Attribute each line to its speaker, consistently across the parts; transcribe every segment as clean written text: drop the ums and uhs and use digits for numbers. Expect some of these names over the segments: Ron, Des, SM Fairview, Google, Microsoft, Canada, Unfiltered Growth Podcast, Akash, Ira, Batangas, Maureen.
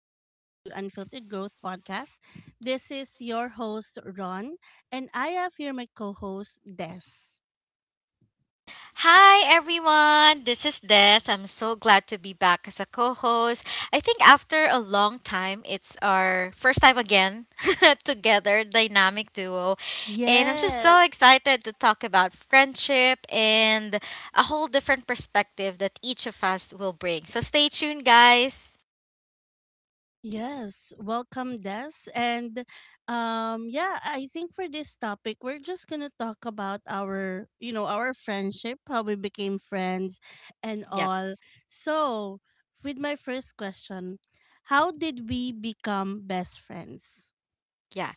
Speaker 1: Welcome to Unfiltered Growth Podcast. This is your host, Ron, and I have here my co host, Des.
Speaker 2: Hi everyone, this is Des. I'm so glad to be back as a co host. I think after a long time, it's our first time again together, dynamic duo. And I'm just so
Speaker 1: Yes,
Speaker 2: excited to talk about friendship and a whole different perspective that each of us will bring. So stay tuned, guys.
Speaker 1: yes. Welcome, Des. And yeah, I think for this topic, we're just going to talk about our friendship, how we became friends, and
Speaker 2: Yep,
Speaker 1: all. So, with my first question, how did we become best friends?
Speaker 2: yeah.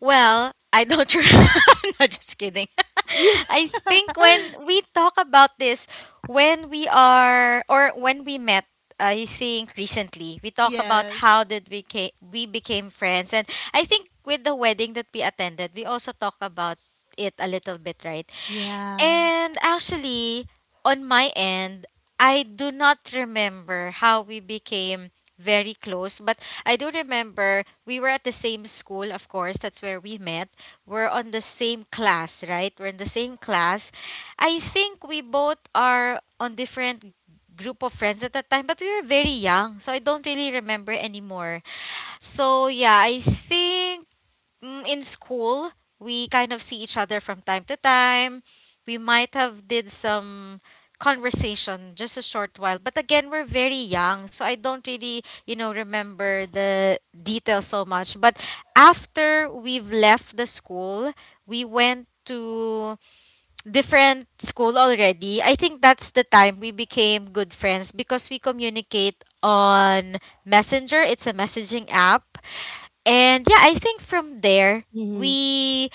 Speaker 2: Well, I don't. No, just kidding. I think when we talk about this, when we are or when we met, I think recently we talk about
Speaker 1: Yeah.
Speaker 2: how did we ca- we became friends, and I think with the wedding that we attended, we also talk about it a little bit, right?
Speaker 1: Yeah.
Speaker 2: And actually, on my end, I do not remember how we became very close, but I do remember we were at the same school, of course, that's where we met. We're on the same class, right? We're in the same class. I think we both are on different group of friends at that time, but we were very young, so I don't really remember anymore. So yeah, I think in school, we kind of see each other from time to time. We might have did some conversation just a short while, but again, we're very young, so I don't really, remember the details so much. But after we've left the school, we went to different school already. I think that's the time we became good friends because we communicate on Messenger. It's a messaging app and yeah, I think from there
Speaker 1: Mhm.
Speaker 2: we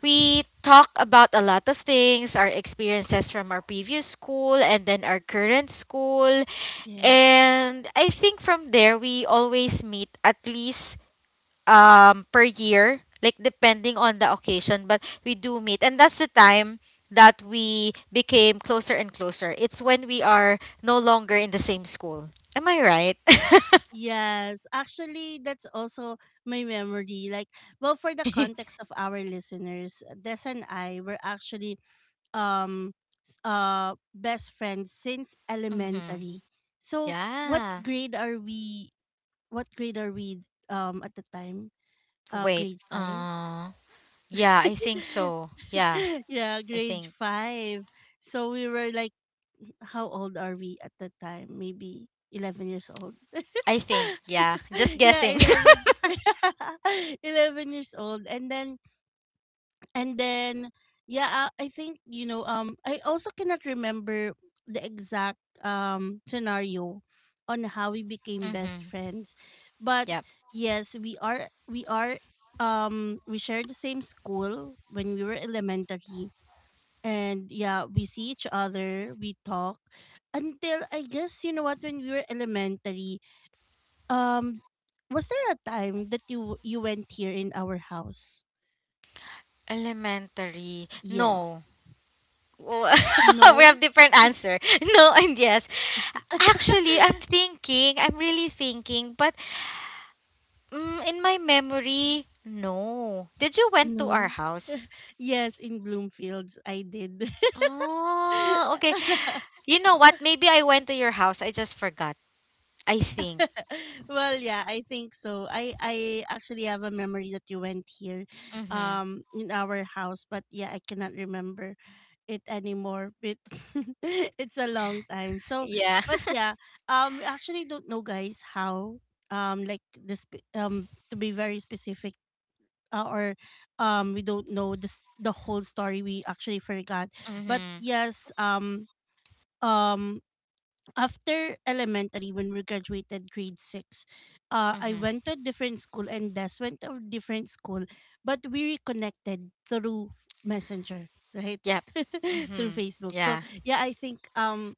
Speaker 2: we talk about a lot of things, our experiences from our previous school and then our current school.
Speaker 1: Yes.
Speaker 2: And I think from there we always meet at least per year, like depending on the occasion, but we do meet. And that's the time that we became closer and closer. It's when we are no longer in the same school. Am I right?
Speaker 1: Yes. Actually, that's also my memory. Like, well, for the context of our listeners, Des and I were actually um best friends since
Speaker 2: hmm
Speaker 1: elementary. So, what
Speaker 2: Yeah.
Speaker 1: grade are we? What grade are we at the time? Uh,
Speaker 2: Wait.
Speaker 1: grade five.
Speaker 2: Yeah, I think so. Yeah,
Speaker 1: Yeah,
Speaker 2: I
Speaker 1: grade
Speaker 2: think.
Speaker 1: five. So we were like, how old are we at that time? Maybe 11 years old.
Speaker 2: I think, yeah. Just
Speaker 1: Yeah,
Speaker 2: guessing.
Speaker 1: 11. 11 years old. And then, yeah, I think, I also cannot remember the exact scenario on how we became
Speaker 2: mhm.
Speaker 1: best friends. But
Speaker 2: Yep.
Speaker 1: yes, we shared the same school when we were elementary, and yeah, we see each other, we talk until, I guess, you know what, when we were elementary, um was there a time that you went here in our house?
Speaker 2: Elementary. No.
Speaker 1: Yes.
Speaker 2: W- we have
Speaker 1: No.
Speaker 2: different answer. No and yes. Actually, I'm thinking. I'm really thinking, but in my memory, no. Did you went to our
Speaker 1: No.
Speaker 2: house?
Speaker 1: Yes, in Bloomfields, I did.
Speaker 2: Oh, okay. You know what? Maybe I went to your house. I just forgot. I think.
Speaker 1: Well, yeah, I think so. I actually have a memory that you went here,
Speaker 2: Mhm.
Speaker 1: in our house, but yeah, I cannot remember it anymore. But it's a long time. So,
Speaker 2: Yeah.
Speaker 1: but yeah, we actually don't know, guys, how, like this, to be very specific. Or we don't know this, the whole story we actually forgot, but
Speaker 2: Mhm.
Speaker 1: yes, um after elementary, when we graduated grade 6, I
Speaker 2: Mm-hmm.
Speaker 1: went to a different school, and Des went to a different school, but we reconnected through Messenger, right?
Speaker 2: Yep.
Speaker 1: Through
Speaker 2: Mm-hmm.
Speaker 1: Facebook. So
Speaker 2: Yeah.
Speaker 1: yeah, I think,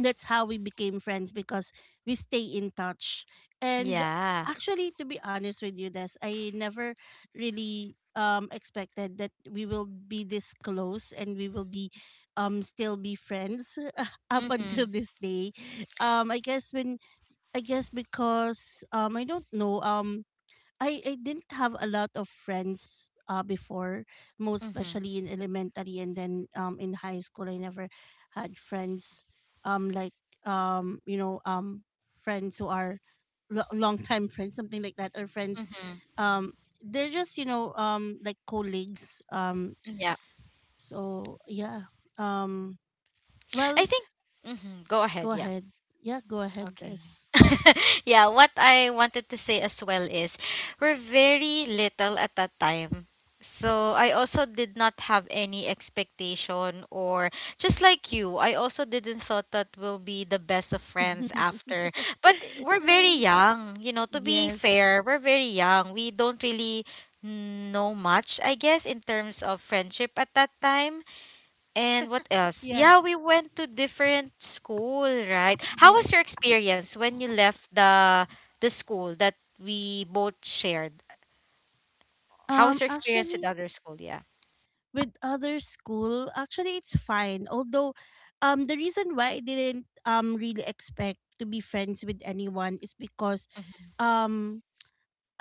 Speaker 1: that's how we became friends because we stay in touch. And
Speaker 2: Yeah.
Speaker 1: actually, to be honest with you, Des, I never really expected that we will be this close, and we will be still be friends up until
Speaker 2: Mm-hmm.
Speaker 1: this day. Um, I guess when I guess, because I don't know, I didn't have a lot of friends before, most
Speaker 2: Mm-hmm.
Speaker 1: especially in elementary, and then in high school I never had friends, like, um you know um friends who are long time friends, something like that, or friends,
Speaker 2: Mm-hmm.
Speaker 1: they're just, like colleagues,
Speaker 2: Yeah.
Speaker 1: so yeah, um well,
Speaker 2: I think. Mm-hmm. Go
Speaker 1: go
Speaker 2: ahead. Yeah.
Speaker 1: ahead. Yeah, go ahead,
Speaker 2: Okay.
Speaker 1: Des.
Speaker 2: yeah, what I wanted to say as well is we're very little at that time. So I also did not have any expectation or just like you, I also didn't thought that we'll be the best of friends after. But we're very
Speaker 1: Right.
Speaker 2: young, you know, to be
Speaker 1: Yes.
Speaker 2: fair, we're very young. We don't really know much, I guess, in terms of friendship at that time. And what else?
Speaker 1: Yeah.
Speaker 2: Yeah, we went to different school, right? How was
Speaker 1: Yes.
Speaker 2: your experience when you left the school that we both shared? How was your experience with
Speaker 1: Actually,
Speaker 2: other school? Yeah.
Speaker 1: with other school, actually it's fine. Although, the reason why I didn't really expect to be friends with anyone is because um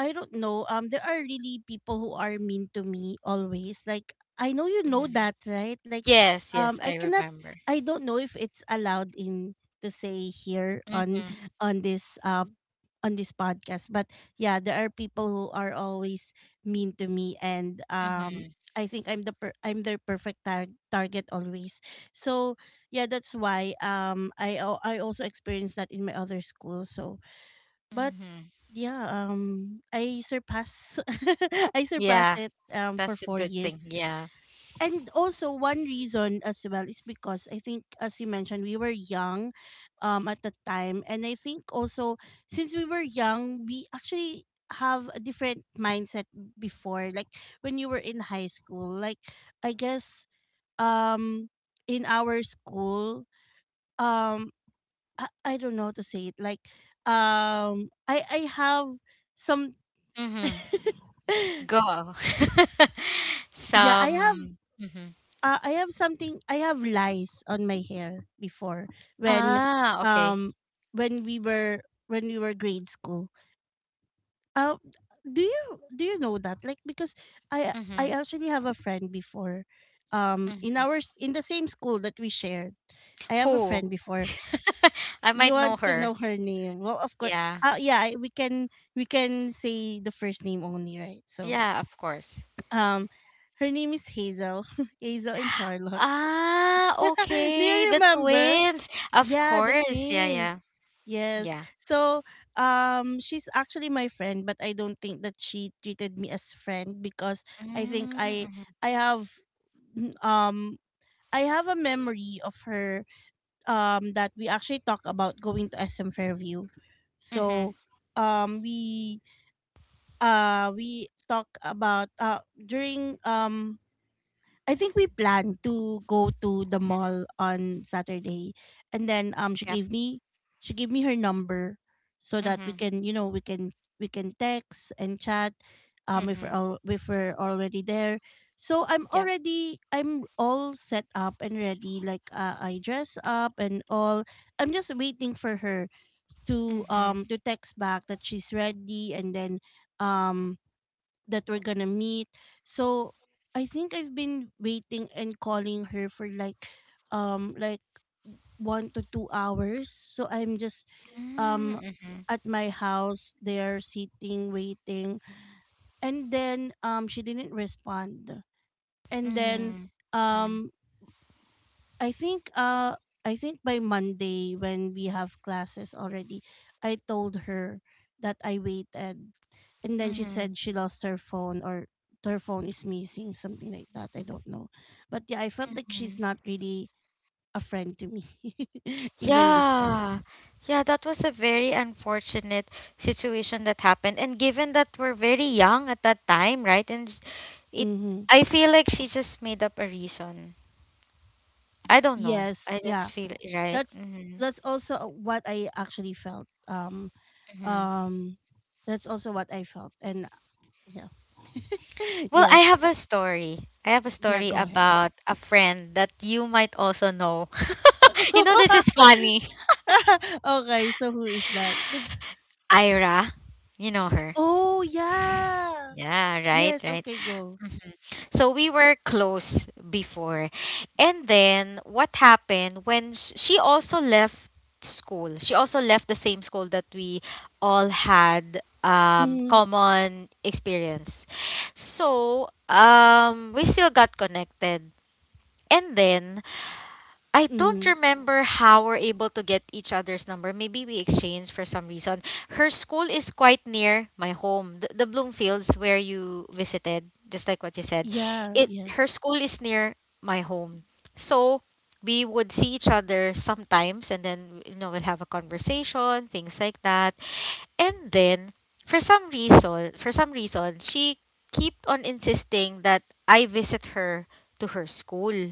Speaker 1: I don't know. There are really people who are mean to me always. Like, I know you know
Speaker 2: hmm
Speaker 1: that, right? Like,
Speaker 2: Yes, yes,
Speaker 1: I
Speaker 2: I
Speaker 1: cannot.
Speaker 2: remember.
Speaker 1: I don't know if it's allowed in to say here on
Speaker 2: Mm-hmm,
Speaker 1: on this podcast. But yeah, there are people who are always mean to me, and
Speaker 2: mm-hmm,
Speaker 1: I think I'm I'm their perfect target always. So yeah, that's why I also experienced that in my other school. So but
Speaker 2: mm-hmm.
Speaker 1: yeah, I surpass I surpass
Speaker 2: Yeah,
Speaker 1: it for
Speaker 2: that's a
Speaker 1: 4
Speaker 2: good thing.
Speaker 1: years.
Speaker 2: Yeah.
Speaker 1: And also one reason as well is because I think, as you mentioned, we were young at the time, and I think also, since we were young, we actually have a different mindset before, like when you were in high school, like I guess um in our school, um I don't know how to say it, like I have some.
Speaker 2: Mm-hmm. Go.
Speaker 1: Yeah, I have,
Speaker 2: Some. Mm-hmm.
Speaker 1: I have something, I have lice on my hair before, when
Speaker 2: Ah, okay.
Speaker 1: um when we were when we were grade school. Uh, do you do you know that? Like, because I
Speaker 2: Mm-hmm,
Speaker 1: actually have a friend before, in
Speaker 2: mm-hmm.
Speaker 1: our in the same school that we shared. I have a
Speaker 2: Who?
Speaker 1: friend before.
Speaker 2: I
Speaker 1: You
Speaker 2: might know
Speaker 1: want to know
Speaker 2: her.
Speaker 1: her name? Well, of course.
Speaker 2: Yeah.
Speaker 1: Yeah, we can say the first name only, right? So,
Speaker 2: Yeah, of course.
Speaker 1: Um, her name is Hazel. Hazel and Charlotte.
Speaker 2: Ah,
Speaker 1: Do
Speaker 2: okay,
Speaker 1: you
Speaker 2: the
Speaker 1: remember?
Speaker 2: twins. Of
Speaker 1: Yeah, the
Speaker 2: course. Yeah,
Speaker 1: twins.
Speaker 2: yeah.
Speaker 1: Yes.
Speaker 2: Yeah.
Speaker 1: So, she's actually my friend, but I don't think that she treated me as friend because I think I
Speaker 2: Mm-hmm.
Speaker 1: I n- um have a memory of her, that we actually talk about going to SM Fairview.
Speaker 2: Mm-hmm.
Speaker 1: So, we, we talk about, during, I think we planned to go to the
Speaker 2: Mm-hmm.
Speaker 1: mall on Saturday, and then she
Speaker 2: Yep.
Speaker 1: gave me she gave me her number so that we
Speaker 2: Mm-hmm.
Speaker 1: can you know we can we can text and chat,
Speaker 2: Mm-hmm.
Speaker 1: if we're already there. So
Speaker 2: Yep.
Speaker 1: I'm all set up and ready. Like, I dress up and all. I'm just waiting for her to um
Speaker 2: Mm-hmm.
Speaker 1: to text back that she's ready, and then um that we're gonna meet. So I think I've been waiting and calling her for like 1 to 2 hours. So I'm just, um
Speaker 2: Mm-hmm.
Speaker 1: at my house there, sitting, waiting. And then she didn't respond. And then
Speaker 2: Mm-hmm.
Speaker 1: um I think uh I think by Monday, when we have classes already, I told her that I waited, and then she
Speaker 2: Mm-hmm.
Speaker 1: said she lost her phone or her phone is missing, something like that. I don't know. But yeah, I felt like
Speaker 2: Mm-hmm.
Speaker 1: she's not really a friend to me even before.
Speaker 2: Yeah. Yeah, that was a very unfortunate situation that happened. And given that we're very young at that time, right? And s- it
Speaker 1: Mm-hmm.
Speaker 2: I feel like she just made up a reason. I don't know.
Speaker 1: Yes,
Speaker 2: I just
Speaker 1: yeah.
Speaker 2: feel right.
Speaker 1: That's
Speaker 2: Mm-hmm.
Speaker 1: that's also, what I actually felt.
Speaker 2: mm-hmm.
Speaker 1: Um that's also what I felt, and yeah.
Speaker 2: Well, I
Speaker 1: Yes.
Speaker 2: have a story. I have a
Speaker 1: Yeah,
Speaker 2: story
Speaker 1: go ahead.
Speaker 2: about a friend that you might also know. you know, this is funny.
Speaker 1: Okay, so who is that?
Speaker 2: Ira, you know her.
Speaker 1: Oh, yeah.
Speaker 2: Yeah, right,
Speaker 1: Yes,
Speaker 2: right.
Speaker 1: okay, go.
Speaker 2: Mhm. So we were close before. And then what happened when she also left school? She also left the same school that we all had
Speaker 1: Mm-hmm.
Speaker 2: common experience. So, we still got connected. And then I don't
Speaker 1: Mm-hmm.
Speaker 2: remember how we're able to get each other's number. Maybe we exchanged for some reason. Her school is quite near my home, the Bloomfields where you visited, just like what you said.
Speaker 1: Yeah,
Speaker 2: It her
Speaker 1: yes.
Speaker 2: school is near my home, so we would see each other sometimes, and then you know we'll have a conversation, things like that. And then for some reason, she kept on insisting that I visit her to her school,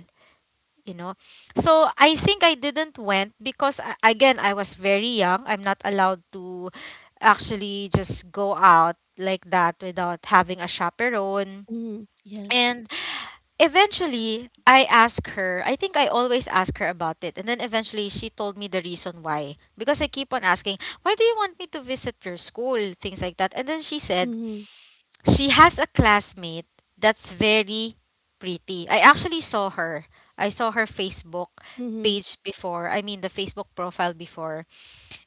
Speaker 2: you know. So I think I didn't went because again, I was very young, I'm not allowed to actually just go out like that without having a chaperone.
Speaker 1: Mm-hmm. Yes.
Speaker 2: And eventually I asked her, I think I always ask her about it, and then eventually she told me the reason why, because I keep on asking, why do you want me to visit your school, things like that. And then she said
Speaker 1: Mm-hmm.
Speaker 2: she has a classmate that's very pretty. I actually saw her. I saw her Facebook
Speaker 1: Mm-hmm.
Speaker 2: page before. I mean the Facebook profile before.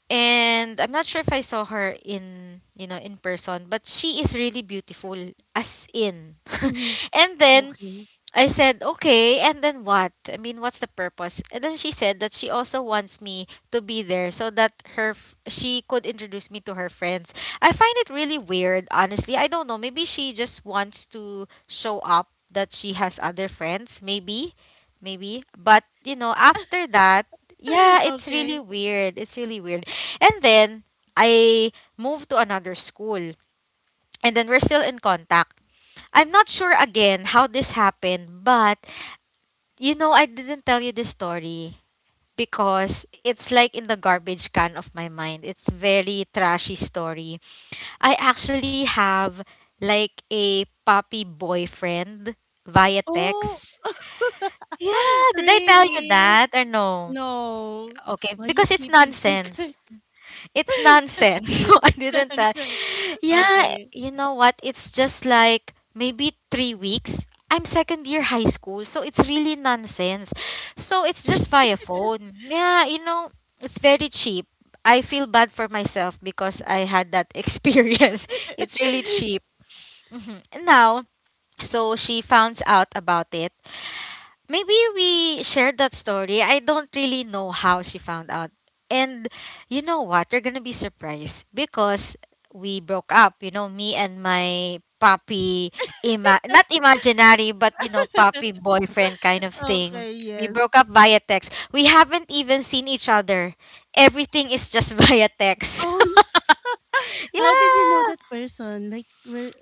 Speaker 2: And I'm not sure if I saw her in, you know, in person, but she is really beautiful as in.
Speaker 1: Mm-hmm.
Speaker 2: And then
Speaker 1: Okay.
Speaker 2: I said, okay, and then what? I mean, what's the purpose? And then she said that she also wants me to be there so that she could introduce me to her friends. I find it really weird, honestly. I don't know. Maybe she just wants to show up that she has other friends, maybe. Maybe. But, you know, after that, yeah, it's really
Speaker 1: Okay.
Speaker 2: weird. It's really weird. And then I moved to another school. And then we're still in contact. I'm not sure again how this happened, but you know, I didn't tell you this story because it's like in the garbage can of my mind. It's very trashy story. I actually have like a puppy boyfriend via
Speaker 1: Oh,
Speaker 2: text. Yeah, did I tell you
Speaker 1: really?
Speaker 2: that or no?
Speaker 1: No.
Speaker 2: Okay,
Speaker 1: Why you
Speaker 2: because
Speaker 1: keeping secrets?
Speaker 2: it's nonsense. So I
Speaker 1: It's
Speaker 2: didn't tell.
Speaker 1: nonsense.
Speaker 2: Yeah,
Speaker 1: Okay.
Speaker 2: you know what? It's just like maybe 3 weeks. I'm second year high school, so it's really nonsense. So it's just via phone. Yeah, you know, it's very cheap. I feel bad for myself because I had that experience. It's really cheap. Hmm Now, so she finds out about it. Maybe we shared that story. I don't really know how she found out. And you know what? You're gonna be surprised because we broke up. You know, me and my puppy, not imaginary, but you know, puppy boyfriend kind of thing.
Speaker 1: Okay,
Speaker 2: We
Speaker 1: yes.
Speaker 2: broke up via text. We haven't even seen each other. Everything is just via text.
Speaker 1: Oh, no. How did you know
Speaker 2: yeah.
Speaker 1: that person? Like, where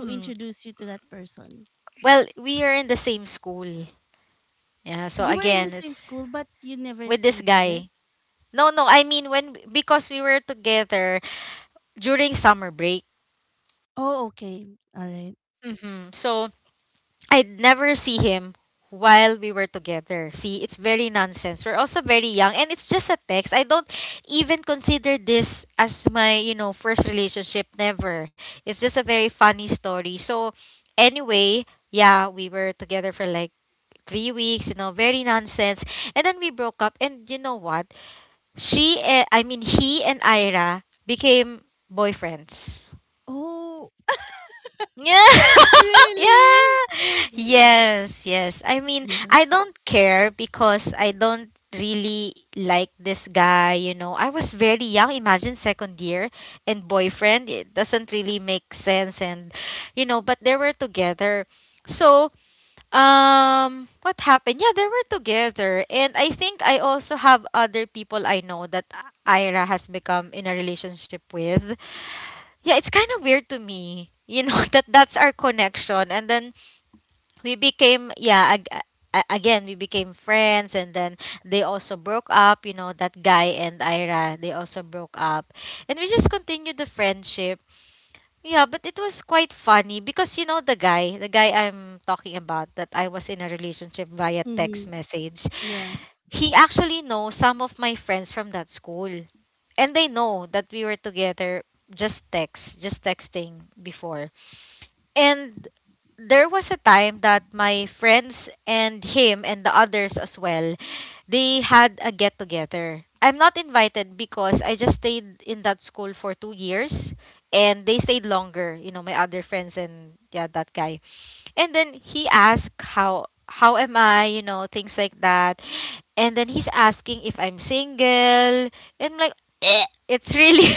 Speaker 1: who introduced you to that person?
Speaker 2: Well, we are in the same school. Yeah. So
Speaker 1: You were in the
Speaker 2: again,
Speaker 1: same
Speaker 2: it's
Speaker 1: school, but you never
Speaker 2: with
Speaker 1: see
Speaker 2: this
Speaker 1: each other.
Speaker 2: guy. No, no. I mean when because we were together during summer break.
Speaker 1: Oh, okay. All right.
Speaker 2: Hmm So I'd never see him while we were together. See, it's very nonsense. We're also very young and it's just a text. I don't even consider this as my, you know, first relationship never. It's just a very funny story. So anyway, yeah, we were together for like 3 weeks, you know, very nonsense. And then we broke up and you know what? I mean, he and Ira became boyfriends.
Speaker 1: Oh,
Speaker 2: Yeah.
Speaker 1: really?
Speaker 2: yeah.
Speaker 1: Oh my God.
Speaker 2: Yes, yes. I mean,
Speaker 1: Yeah.
Speaker 2: I don't care because I don't really like this guy, you know. I was very young, imagine second year and boyfriend. It doesn't really make sense and you know, but they were together. So, what happened? Yeah, they were together. And I think I also have other people I know that Ira has become in a relationship with. Yeah, it's kind of weird to me, you know, that that's our connection. And then we became, yeah, again, we became friends. And then they also broke up, you know, that guy and Ira, they also broke up. And we just continued the friendship. Yeah, but it was quite funny because you know the guy I'm talking about that I was in a relationship via
Speaker 1: Mm-hmm.
Speaker 2: text message.
Speaker 1: Yeah.
Speaker 2: He actually knows some of my friends from that school. And they know that we were together, just text, just texting before. And there was a time that my friends and him and the others as well, they had a get together. I'm not invited because I just stayed in that school for 2 years and they stayed longer, you know, my other friends and yeah, that guy. And then he asked how am I, you know, things like that. And then he's asking if I'm single. And I'm like, "Eh." It's really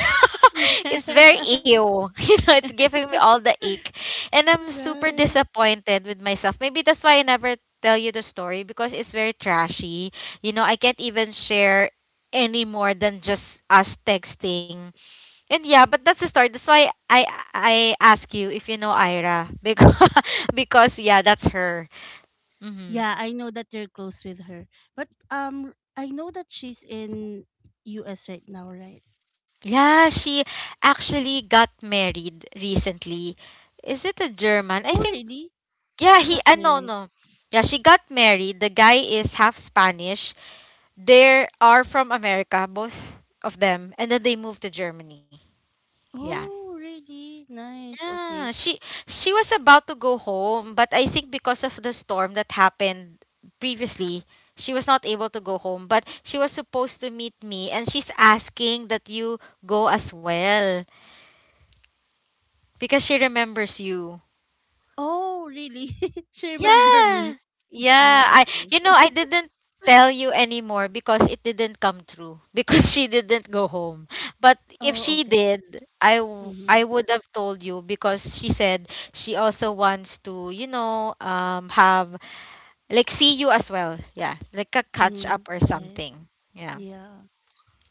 Speaker 2: it's very ew. You know, it's giving me all the ick. And I'm super
Speaker 1: Right.
Speaker 2: disappointed with myself. Maybe that's why I never tell you the story because it's very trashy. You know, I can't even share any more than just us texting and yeah, but that's the story. That's why I ask you if you know Ira because because yeah, that's her. Hmm
Speaker 1: Yeah, I know that you're close with her, but I know that she's in U.S. right now, right?
Speaker 2: Yeah, she actually got married recently. Is it a German? I
Speaker 1: Oh,
Speaker 2: think
Speaker 1: really?
Speaker 2: yeah.
Speaker 1: She
Speaker 2: He
Speaker 1: got
Speaker 2: no
Speaker 1: married.
Speaker 2: no. Yeah, she got married. The guy is half Spanish. They are from America, both of them, and then they moved to Germany. Yeah.
Speaker 1: Oh, really? Nice.
Speaker 2: Yeah,
Speaker 1: Okay.
Speaker 2: she was about to go home, but I think because of the storm that happened previously, she was not able to go home, but she was supposed to meet me and she's asking that you go as well because she remembers you.
Speaker 1: Oh, really? She remember
Speaker 2: Yeah.
Speaker 1: me.
Speaker 2: Yeah. I
Speaker 1: Oh, okay.
Speaker 2: you know, I didn't tell you anymore because it didn't come true because she didn't go home. But if she
Speaker 1: Oh, okay.
Speaker 2: did, I
Speaker 1: Mm-hmm.
Speaker 2: would have told you because she said she also wants to, have like see you as well. Yeah. Like a
Speaker 1: Mm-hmm.
Speaker 2: catch up or
Speaker 1: Right.
Speaker 2: something. Yeah.
Speaker 1: Yeah.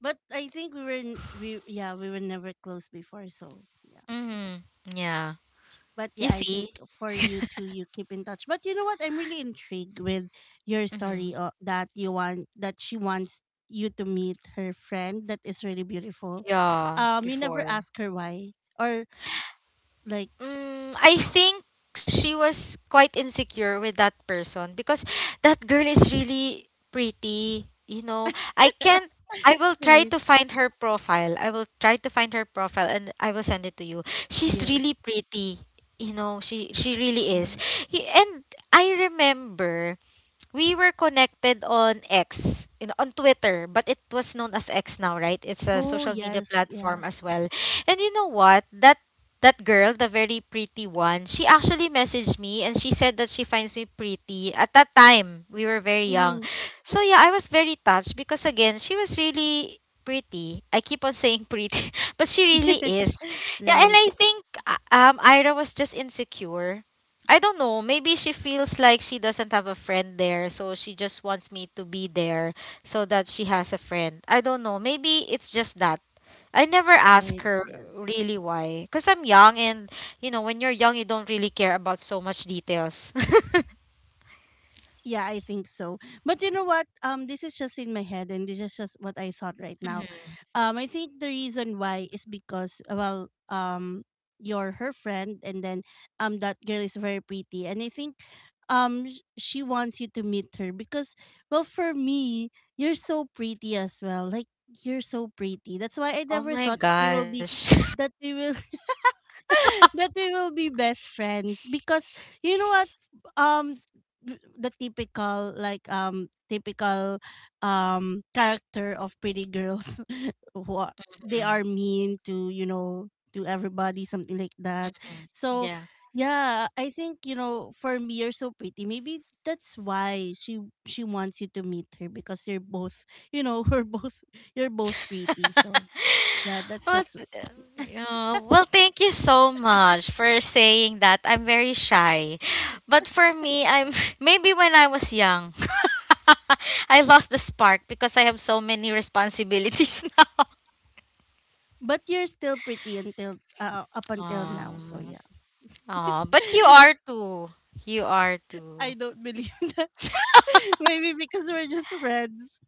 Speaker 1: But I think we were never close before, so yeah.
Speaker 2: Mhm. Yeah.
Speaker 1: But
Speaker 2: You
Speaker 1: yeah, I
Speaker 2: see?
Speaker 1: think for you two, you keep in touch. But you know what? I'm really intrigued with your story,
Speaker 2: Mhm.
Speaker 1: that she wants you to meet her friend that is really beautiful.
Speaker 2: Yeah,
Speaker 1: You never
Speaker 2: before.
Speaker 1: ask her why, or like.
Speaker 2: Mm, I think she was quite insecure with that person because that girl is really pretty. You know, I can't. I will try
Speaker 1: Right?
Speaker 2: to find her profile. I will try to find her profile and I will send it to you. She's
Speaker 1: Yes.
Speaker 2: really pretty. You know, she really is.
Speaker 1: Yeah.
Speaker 2: And I remember we were connected on X, in on Twitter, but it was known as X now, right? It's a
Speaker 1: Oh,
Speaker 2: social media
Speaker 1: yes.
Speaker 2: platform
Speaker 1: Yeah.
Speaker 2: as well. And you know what? That girl, the very pretty one, she actually messaged me and she said that she finds me pretty. At that time, we were very young.
Speaker 1: Mhm.
Speaker 2: So yeah, I was very touched because again, she was really pretty. I keep on saying pretty, but she really is. Yeah, and
Speaker 1: Right,
Speaker 2: I think Ira was just insecure. I don't know. Maybe she feels like she doesn't have a friend there, so she just wants me to be there so that she has a friend. I don't know. Maybe it's just that. I never ask
Speaker 1: right.
Speaker 2: her
Speaker 1: Yes.
Speaker 2: really why. Because I'm young, and you know, when you're young, you don't really care about so much details.
Speaker 1: Yeah, I think so. But you know what? This is just in my head, and this is just what I thought right now.
Speaker 2: Mhm.
Speaker 1: I think the reason why is because, well, you're her friend, and then that girl is very pretty, and I think she wants you to meet her because, well, for me, you're so pretty as well. Like, you're so pretty. That's why I
Speaker 2: Oh
Speaker 1: never
Speaker 2: my
Speaker 1: thought that we will be,
Speaker 2: gosh.
Speaker 1: that we will that we will be best friends, because you know what, um the typical, like typical, character of pretty girls who are, they
Speaker 2: Mhm,
Speaker 1: are mean to you know to everybody, something like that.
Speaker 2: mhm.
Speaker 1: So
Speaker 2: Yeah.
Speaker 1: yeah, I think, for me, you're so pretty, maybe that's why she wants you to meet her because you're both, we're both you're both pretty. So yeah, that's
Speaker 2: well,
Speaker 1: just.
Speaker 2: th- well, thank you so much for saying that. I'm very shy. But for me, I'm maybe when I was young, I lost the spark because I have so many responsibilities now.
Speaker 1: But you're still pretty until up until now, so
Speaker 2: Um,
Speaker 1: yeah.
Speaker 2: oh, but you are too. You are too.
Speaker 1: I don't believe that. Maybe because we're just friends.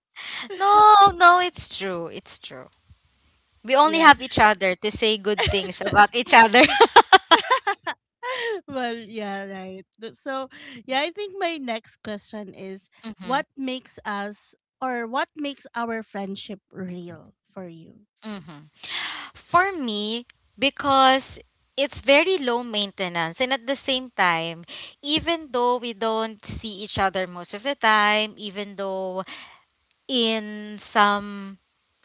Speaker 2: No, no, it's true. It's true. We only
Speaker 1: Yeah.
Speaker 2: have each other to say good things about each other.
Speaker 1: Well, yeah, right. So, yeah, I think my next question is,
Speaker 2: Mm-hmm.
Speaker 1: what makes us what makes our friendship real for you?
Speaker 2: Mm-hmm. For me, because it's very low maintenance and at the same time, even though we don't see each other most of the time, even though in some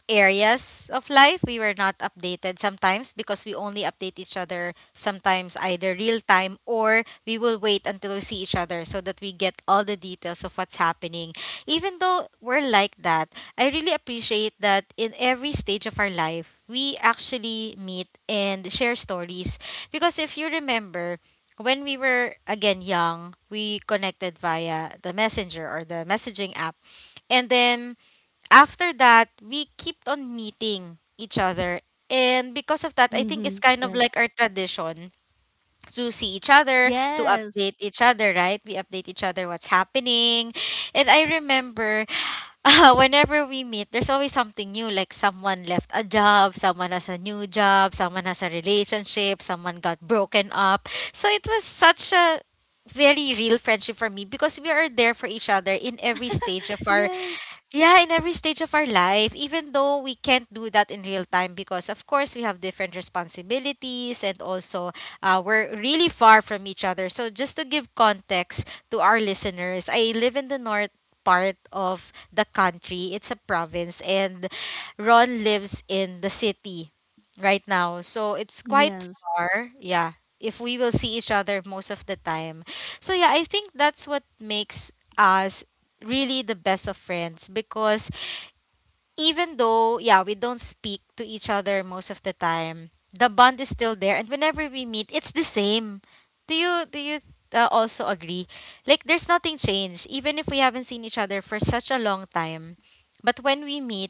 Speaker 2: areas of life we were not updated sometimes because we only update each other sometimes either real time or we will wait until we see each other so that we get all the details of what's happening. Even though we're like that, I really appreciate that in every stage of our life we actually meet and share stories, because if you remember when we were again young, we connected via the messenger or the messaging app, and then after that, we keep on meeting each other. And because of that, I think it's
Speaker 1: Mhm.
Speaker 2: kind of
Speaker 1: Yes.
Speaker 2: like our tradition to see each other, to
Speaker 1: Yes.
Speaker 2: update each other, right? We update each other what's happening. And I remember whenever we meet, there's always something new. Like someone left a job, someone has a new job, someone has a relationship, someone got broken up. So it was such a very real friendship for me because we are there for each other in every stage of our
Speaker 1: Yes.
Speaker 2: yeah, in every stage of our life, even though we can't do that in real time because, of course, we have different responsibilities and also we're really far from each other. So, just to give context to our listeners, I live in the north part of the country, it's a province, and Ron lives in the city right now. So, it's quite
Speaker 1: Yes.
Speaker 2: far, yeah, if we will see each other most of the time. So, yeah, I think that's what makes us really the best of friends because even though yeah we don't speak to each other most of the time, the bond is still there and whenever we meet it's the same. Do you also agree like there's nothing changed even if we haven't seen each other for such a long time, but when we meet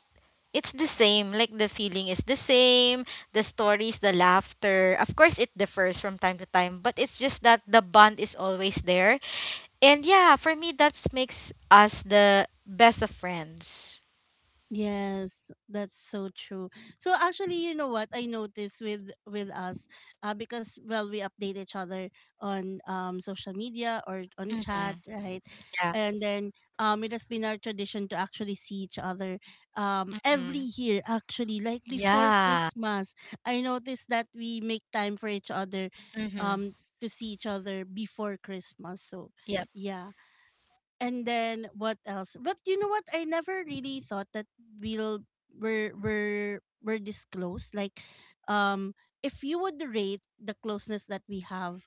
Speaker 2: it's the same, like the feeling is the same? The stories, the laughter, of course it differs from time to time, but it's just that the bond is always there. And yeah, for me, that makes us the best of friends.
Speaker 1: Yes, that's so true. So actually, you know what I noticed with us, because, well, we update each other on social media or on
Speaker 2: Mm-hmm.
Speaker 1: chat, right?
Speaker 2: Yeah.
Speaker 1: And then it has been our tradition to actually see each other every
Speaker 2: Mm-hmm.
Speaker 1: year. Actually, like before
Speaker 2: Yeah.
Speaker 1: Christmas, I noticed that we make time for each other,
Speaker 2: Mm-hmm.
Speaker 1: um, to see each other before Christmas. So,
Speaker 2: Yep.
Speaker 1: yeah. And then what else? But you know what? I never really thought that we'll we're this close. Like, um, if you would rate the closeness that we have,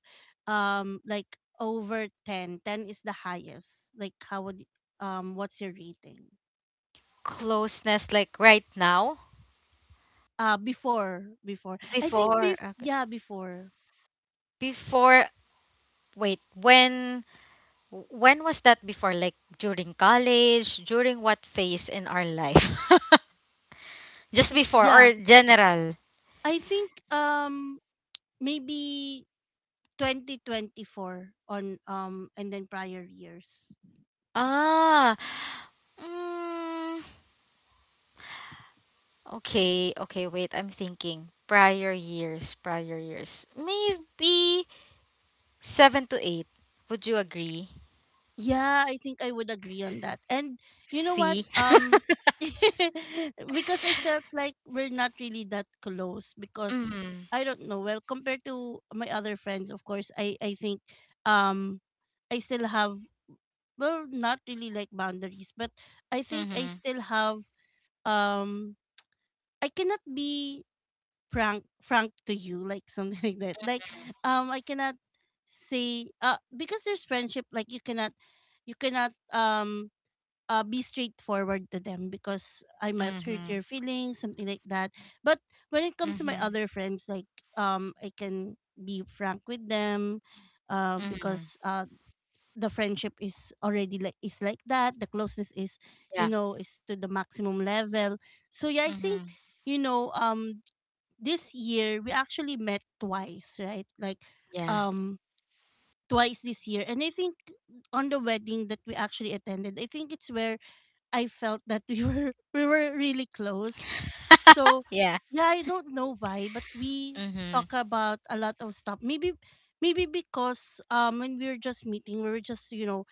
Speaker 1: like over 10, 10 is the highest. Like, how would what's your rating?
Speaker 2: Closeness, like right now.
Speaker 1: Before I think
Speaker 2: Before,
Speaker 1: bef-
Speaker 2: okay.
Speaker 1: yeah before
Speaker 2: Before, wait, when was that before? Like during college, during what phase in our life? Just before
Speaker 1: yeah
Speaker 2: or general?
Speaker 1: I think maybe 2024 on, and then prior years.
Speaker 2: Ah. Mm. Okay, okay, wait, I'm thinking. Prior years. Maybe seven to eight. Would you agree?
Speaker 1: Yeah, I think I would agree on that. And you know what?
Speaker 2: See?
Speaker 1: Because I felt like we're not really that close because
Speaker 2: Mm-hmm.
Speaker 1: I don't know. Well, compared to my other friends, of course, I think um I still have, well, not really like boundaries, but I think I
Speaker 2: Mm-hmm.
Speaker 1: still have, um I cannot be frank to you, like something like that. Like I cannot say, because there's friendship, like you cannot, you cannot um be straightforward to them, because I might hurt
Speaker 2: Mm-hmm.
Speaker 1: your feelings, something like that. But when it comes to my
Speaker 2: Mm-hmm.
Speaker 1: other friends, like I can be frank with them,
Speaker 2: Mm-hmm.
Speaker 1: because the friendship is already like, is like that. The closeness is, you
Speaker 2: Yeah.
Speaker 1: know, is to the maximum level. So yeah, I think,
Speaker 2: Mm-hmm.
Speaker 1: you know, this year we actually met twice, right? Like,
Speaker 2: Yeah.
Speaker 1: um, twice this year, and I think on the wedding that we actually attended, I think it's where I felt that we were we were really close. So
Speaker 2: Yeah.
Speaker 1: yeah, I don't know why, but we
Speaker 2: Mm-hmm.
Speaker 1: talk about a lot of stuff. Maybe maybe because when we were just meeting, we were just, you know,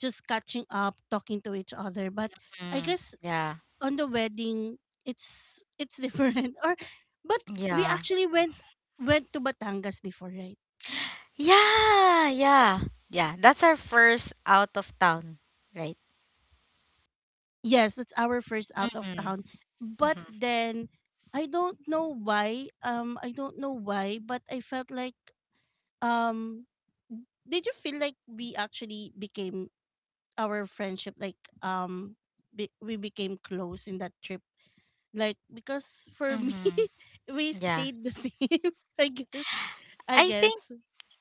Speaker 1: just catching up, talking to each other. But I
Speaker 2: Mm.
Speaker 1: guess
Speaker 2: Yeah.
Speaker 1: on the wedding it's different. Or but we
Speaker 2: Yeah.
Speaker 1: actually went to Batangas before, right?
Speaker 2: Yeah. Yeah. Yeah. That's our first out of town, right?
Speaker 1: Yes, that's our first out of
Speaker 2: Mm-hmm.
Speaker 1: town. But
Speaker 2: Mm-hmm.
Speaker 1: then I don't know why. I don't know why, but I felt like, um did you feel like we actually became our friendship like we became close in that trip? Like because for me
Speaker 2: Mm-hmm.
Speaker 1: we
Speaker 2: Yeah.
Speaker 1: stayed the same, I guess. I
Speaker 2: I think
Speaker 1: guess.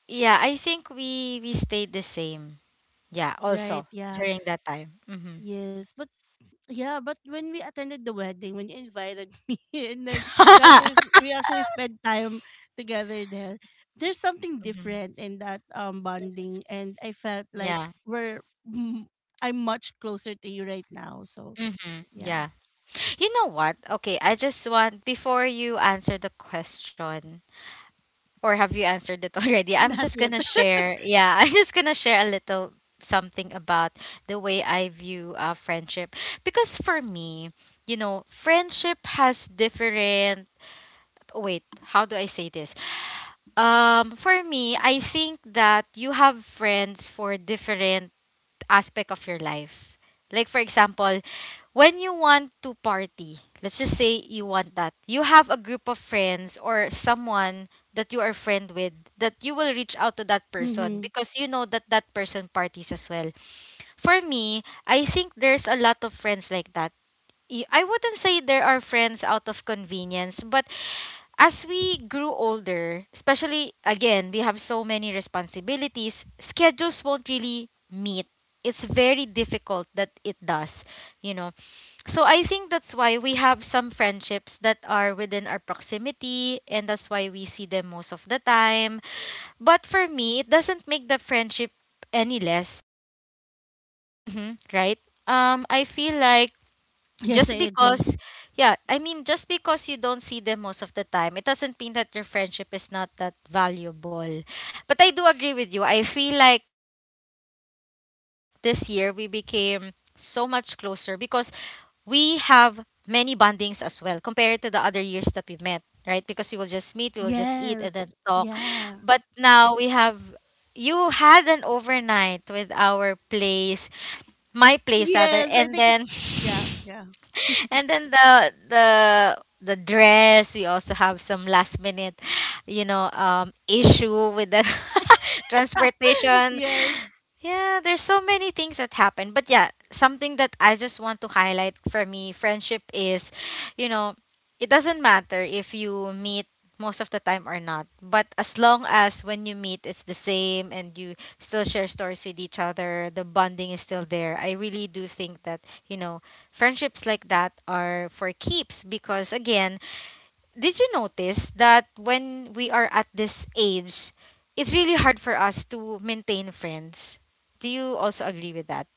Speaker 2: Yeah, I think we stayed the same. Yeah,
Speaker 1: Right,
Speaker 2: also
Speaker 1: yeah.
Speaker 2: during that time. Hmm
Speaker 1: Yes, but yeah, but when we attended the wedding, when you invited me, and then we actually spent time together there. There's something
Speaker 2: hmm
Speaker 1: different in that bonding, and I felt like
Speaker 2: Yeah.
Speaker 1: we're mm, I'm much closer to you right now. So
Speaker 2: hmm
Speaker 1: yeah,
Speaker 2: Yeah. You know what? Okay, I just want before you answer the question, or have you answered it already? I'm
Speaker 1: not
Speaker 2: just
Speaker 1: yet.
Speaker 2: gonna share. Yeah, I'm just gonna share a little something about the way I view friendship, because for me, you know, friendship has different. Wait, how do I say this? For me, I think that you have friends for different aspect of your life. Like for example, when you want to party, let's just say you want that. You have a group of friends or someone that you are friend with that you will reach out to that person
Speaker 1: Mm-hmm.
Speaker 2: because you know that that person parties as well. For me, I think there's a lot of friends like that. I wouldn't say there are friends out of convenience, but as we grew older, especially again, we have so many responsibilities, schedules won't really meet. It's very difficult that it does, you know. So I think that's why we have some friendships that are within our proximity and that's why we see them most of the time. But for me, it doesn't make the friendship any less. Mhm, right? I feel like
Speaker 1: Yes, I
Speaker 2: just
Speaker 1: agree.
Speaker 2: because yeah just because you don't see them most of the time, it doesn't mean that your friendship is not that valuable. But I do agree with you, I feel like this year we became so much closer because we have many bondings as well compared to the other years that we've met, right? Because we will just meet, we will just eat and then
Speaker 1: Yes,
Speaker 2: talk, but
Speaker 1: yeah,
Speaker 2: now we have you had an overnight with our place, my place rather,
Speaker 1: yes. I
Speaker 2: and
Speaker 1: think it's
Speaker 2: then
Speaker 1: yeah, yeah,
Speaker 2: and then the the dress, we also have some last minute, you know, issue with the transportation.
Speaker 1: yes.
Speaker 2: Yeah, there's so many things that happen, but yeah, something that I just want to highlight, for me friendship is, you know, it doesn't matter if you meet most of the time or not, but as long as when you meet it's the same and you still share stories with each other. The bonding is still there. I really do think that, you know, friendships like that are for keeps because, again, did you notice that when we are at this age, it's really hard for us to maintain friends? Do you also agree with that?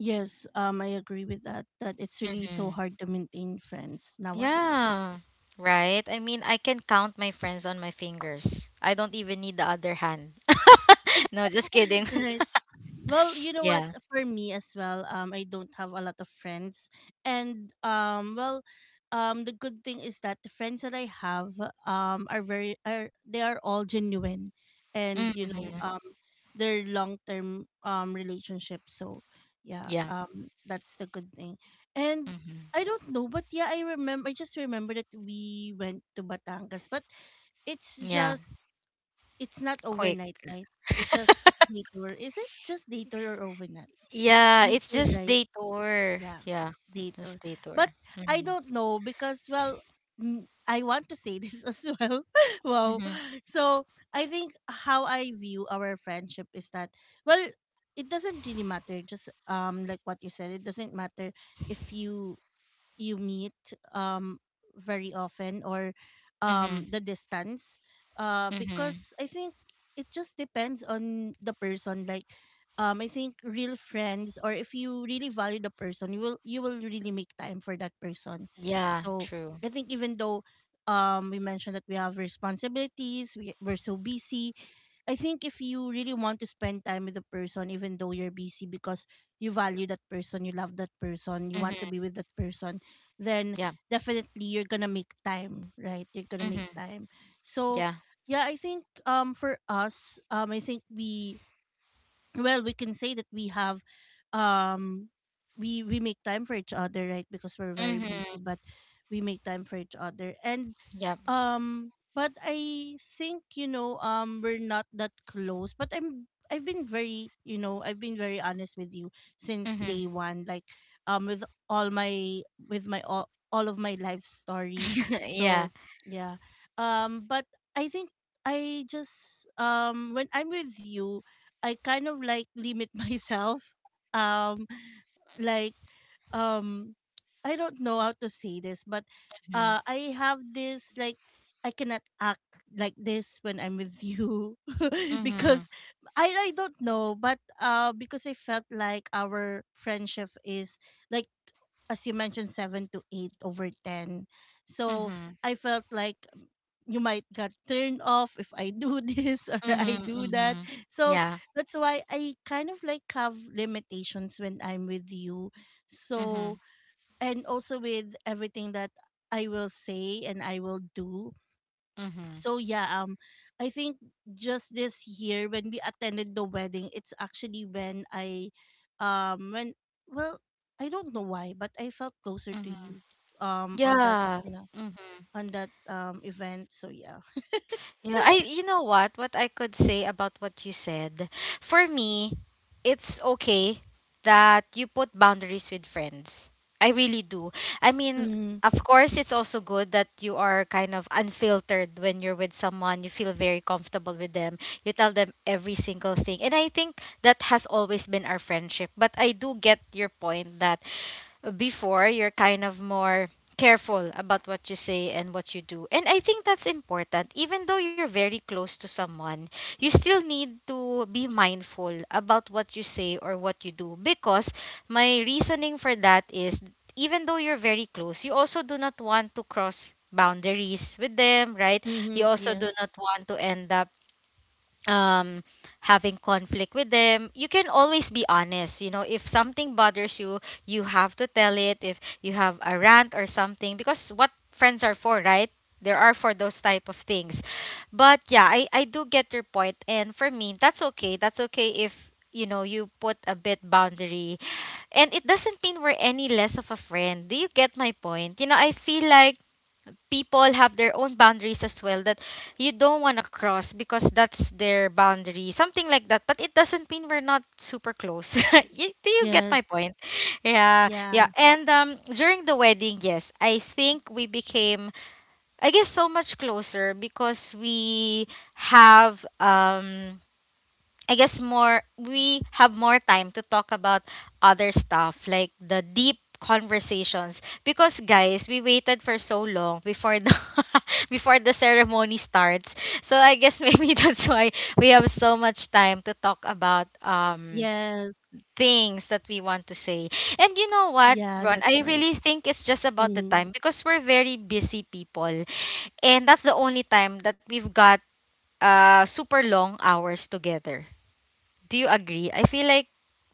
Speaker 1: Yes, I agree with that. That it's really so
Speaker 2: Mm-hmm.
Speaker 1: hard to maintain friends nowadays.
Speaker 2: Yeah. Right? I mean, I can count my friends on my fingers. I don't even need the other hand. No, just kidding.
Speaker 1: Right. Well, you know what?
Speaker 2: Yeah.
Speaker 1: For me as well, I don't have a lot of friends, and the good thing is that the friends that I have are very are they are all genuine, and you
Speaker 2: Mm,
Speaker 1: know they're long term relationships. So yeah,
Speaker 2: yeah.
Speaker 1: that's the good thing, and.
Speaker 2: hmm
Speaker 1: I don't know, but yeah, I remember. I just remember that we went to Batangas, but it's
Speaker 2: Yeah.
Speaker 1: just it's not
Speaker 2: Quick.
Speaker 1: overnight, right? It's just detour. Is it just detour or overnight?
Speaker 2: Yeah, it's
Speaker 1: Detour,
Speaker 2: just
Speaker 1: right?
Speaker 2: day tour.
Speaker 1: Yeah,
Speaker 2: Yeah,
Speaker 1: detour.
Speaker 2: just day tour.
Speaker 1: But I
Speaker 2: Mm-hmm.
Speaker 1: don't know because, well, I want to say this as well. Wow.
Speaker 2: Mm-hmm.
Speaker 1: So I think how I view our friendship is that, well, it doesn't really matter. Just like what you said, it doesn't matter if you meet um very often, or
Speaker 2: Mm-hmm.
Speaker 1: the distance,
Speaker 2: Mm-hmm.
Speaker 1: because I think it just depends on the person. Like I think real friends, or if you really value the person, you will, you will really make time for that person.
Speaker 2: Yeah,
Speaker 1: So
Speaker 2: true.
Speaker 1: I think even though we mentioned that we have responsibilities, we're so busy, I think if you really want to spend time with the person even though you're busy, because you value that person, you love that person, you want to
Speaker 2: Mm-hmm.
Speaker 1: be with that person, then
Speaker 2: Yeah.
Speaker 1: definitely you're gonna make time, right? You're gonna make
Speaker 2: Mm-hmm.
Speaker 1: time. So
Speaker 2: Yeah.
Speaker 1: yeah, I think for us, I think we can say that we have, um we make time for each other, right? Because we're very busy,
Speaker 2: Mm-hmm.
Speaker 1: but we make time for each other. And
Speaker 2: Yep.
Speaker 1: but I think, you know, we're not that close, but I've been very, you know, I've been very honest with you since
Speaker 2: Mm-hmm.
Speaker 1: day one, like with all my, all of my life story.
Speaker 2: Yeah.
Speaker 1: So yeah, but I think I just, when I'm with you, I kind of like limit myself. Um, like, um, I don't know how to say this, but
Speaker 2: Mm-hmm.
Speaker 1: I have this like I cannot act like this when I'm with you,
Speaker 2: Mm-hmm.
Speaker 1: because I don't know, but because I felt like our friendship is like, as you mentioned, 7 to 8 over 10. So
Speaker 2: Mm-hmm.
Speaker 1: I felt like you might get turned off if I do this or I
Speaker 2: Mm-hmm.
Speaker 1: do that.
Speaker 2: Mm-hmm.
Speaker 1: So
Speaker 2: Yeah.
Speaker 1: that's why I kind of like have limitations when I'm with you.
Speaker 2: Mm-hmm.
Speaker 1: So, and also with everything that I will say and I will do.
Speaker 2: Mm-hmm.
Speaker 1: So, yeah, I think just this year when we attended the wedding, it's actually when I when well, I don't know why, but I felt closer to
Speaker 2: Mm-hmm.
Speaker 1: you on that,
Speaker 2: Yeah.
Speaker 1: you know,
Speaker 2: Mm-hmm.
Speaker 1: on that event. So, yeah.
Speaker 2: Yeah, I you know what? What I could say about what you said. For me, it's okay that you put boundaries with friends. I really do. I mean,
Speaker 1: Mhm.
Speaker 2: of course, it's also good that you are kind of unfiltered when you're with someone. You feel very comfortable with them. You tell them every single thing. And I think that has always been our friendship. But I do get your point that before you're kind of more careful about what you say and what you do. And I think that's important. Even though you're very close to someone, you still need to be mindful about what you say or what you do, because my reasoning for that is, even though you're very close, you also do not want to cross boundaries with them, right? You
Speaker 1: Mhm.
Speaker 2: also do
Speaker 1: Yes.
Speaker 2: not want to end up um having conflict with them. You can always be honest, you know, if something bothers you, you have to tell it if you have a rant or something, because what friends are for, right? There are for those type of things. But yeah, I do get your point, and for me that's okay. That's okay if, you know, you put a bit boundary, and it doesn't mean we're any less of a friend. Do you get my point? You know, I feel like people have their own boundaries as well that you don't want to cross, because that's their boundary, something like that. But it doesn't mean we're not super close. You, do you get my
Speaker 1: Yes.
Speaker 2: point? Yeah, yeah.
Speaker 1: Yeah.
Speaker 2: And during the wedding, yes, I think we became, I guess, so much closer because we have, I guess more, we have more time to talk about other stuff, like the deep conversations, because guys, we waited for so long before the before the ceremony starts. So I guess maybe that's why we have so much time to talk about
Speaker 1: Yes.
Speaker 2: things that we want to say.
Speaker 1: Yeah,
Speaker 2: And you
Speaker 1: that's
Speaker 2: know
Speaker 1: right.
Speaker 2: what, Ron, I really think it's
Speaker 1: Mm,
Speaker 2: just about the time, because we're very busy people, and that's the only time that we've got super long hours together. Do you agree? I feel like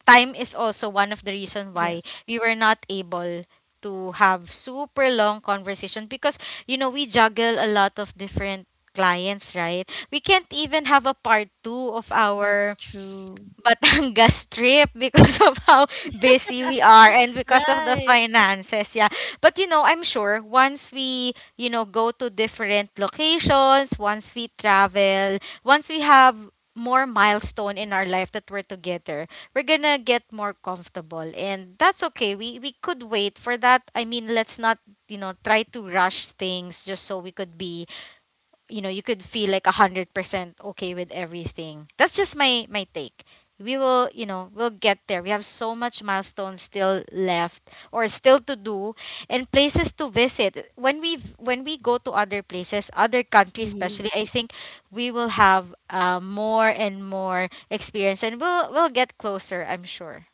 Speaker 2: time is also one of the reason why
Speaker 1: yes,
Speaker 2: we were not able to have super long conversation, because you know we juggle a lot of different clients, right? We can't even have a part 2 of
Speaker 1: that's
Speaker 2: our
Speaker 1: true.
Speaker 2: Batangas trip because of how busy we are and because of the
Speaker 1: Right.
Speaker 2: finances. Yeah. But you know, I'm sure once we, you know, go to different locations, once we travel, once we have more milestone in our life that we're together, we're gonna get more comfortable. And that's okay. We could wait for that. I mean, let's not, you know, try to rush things just so we could be, you know, you could feel like 100% okay with everything. That's just my take. We will, you know, we'll get there. We have so much milestones still left or still to do, and places to visit when we, when we go to other places, other countries
Speaker 1: Mm-hmm.
Speaker 2: especially. I think we will have more and more experience, and we'll get closer, I'm sure.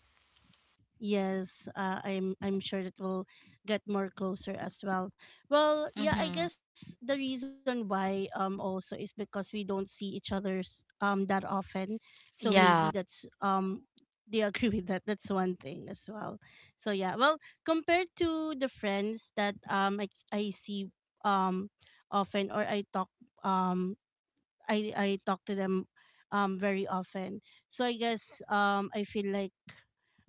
Speaker 1: Yes, I'm sure that will get more closer as well. Well, yeah, I
Speaker 2: Mm-hmm.
Speaker 1: guess the reason why also is because we don't see each other's that often, so maybe
Speaker 2: Yeah.
Speaker 1: that's they agree with that. That's one thing as well. So yeah, well, compared to the friends that I see um often, or I talk, um I talk to them very often. So I guess I feel like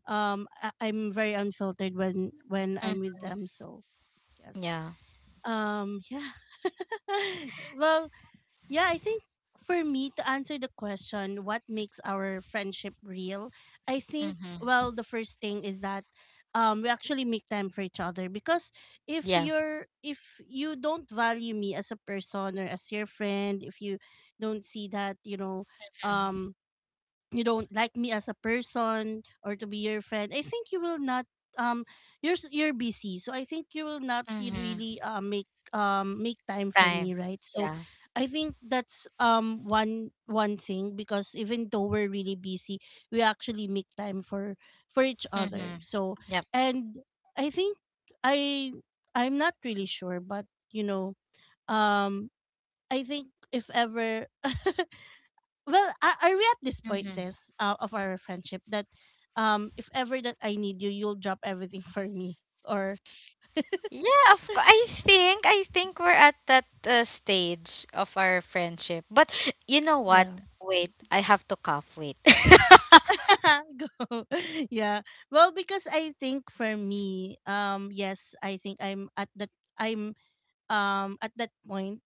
Speaker 1: I'm very unfiltered when I'm
Speaker 2: Mm.
Speaker 1: with them. So yes.
Speaker 2: Yeah.
Speaker 1: Yeah. Well, yeah, I think for me to answer the question, what makes our friendship real? I think,
Speaker 2: Mm-hmm.
Speaker 1: well, the first thing is that we actually make time for each other, because if
Speaker 2: Yeah.
Speaker 1: you're if you don't value me as a person or as your friend, if you don't see that, you know, um you don't like me as a person or to be your friend, I think you will not, um you're busy, so I think you will not
Speaker 2: Mm-hmm.
Speaker 1: really make make time for me,
Speaker 2: Time.
Speaker 1: right? So
Speaker 2: Yeah.
Speaker 1: I think that's one thing, because even though we're really busy, we actually make time for each other.
Speaker 2: Mm-hmm.
Speaker 1: So and I think i I'm not really sure, but you know, um I think if ever well, are we at this point,
Speaker 2: Hmm.
Speaker 1: this of our friendship that, if ever that I need you, you'll drop everything for me, or
Speaker 2: Yeah, of course. I think we're at that stage of our friendship. But you know what?
Speaker 1: yeah,
Speaker 2: Wait, I have to cough. Wait.
Speaker 1: go, yeah. Well, because I think for me, yes, I think I'm at that point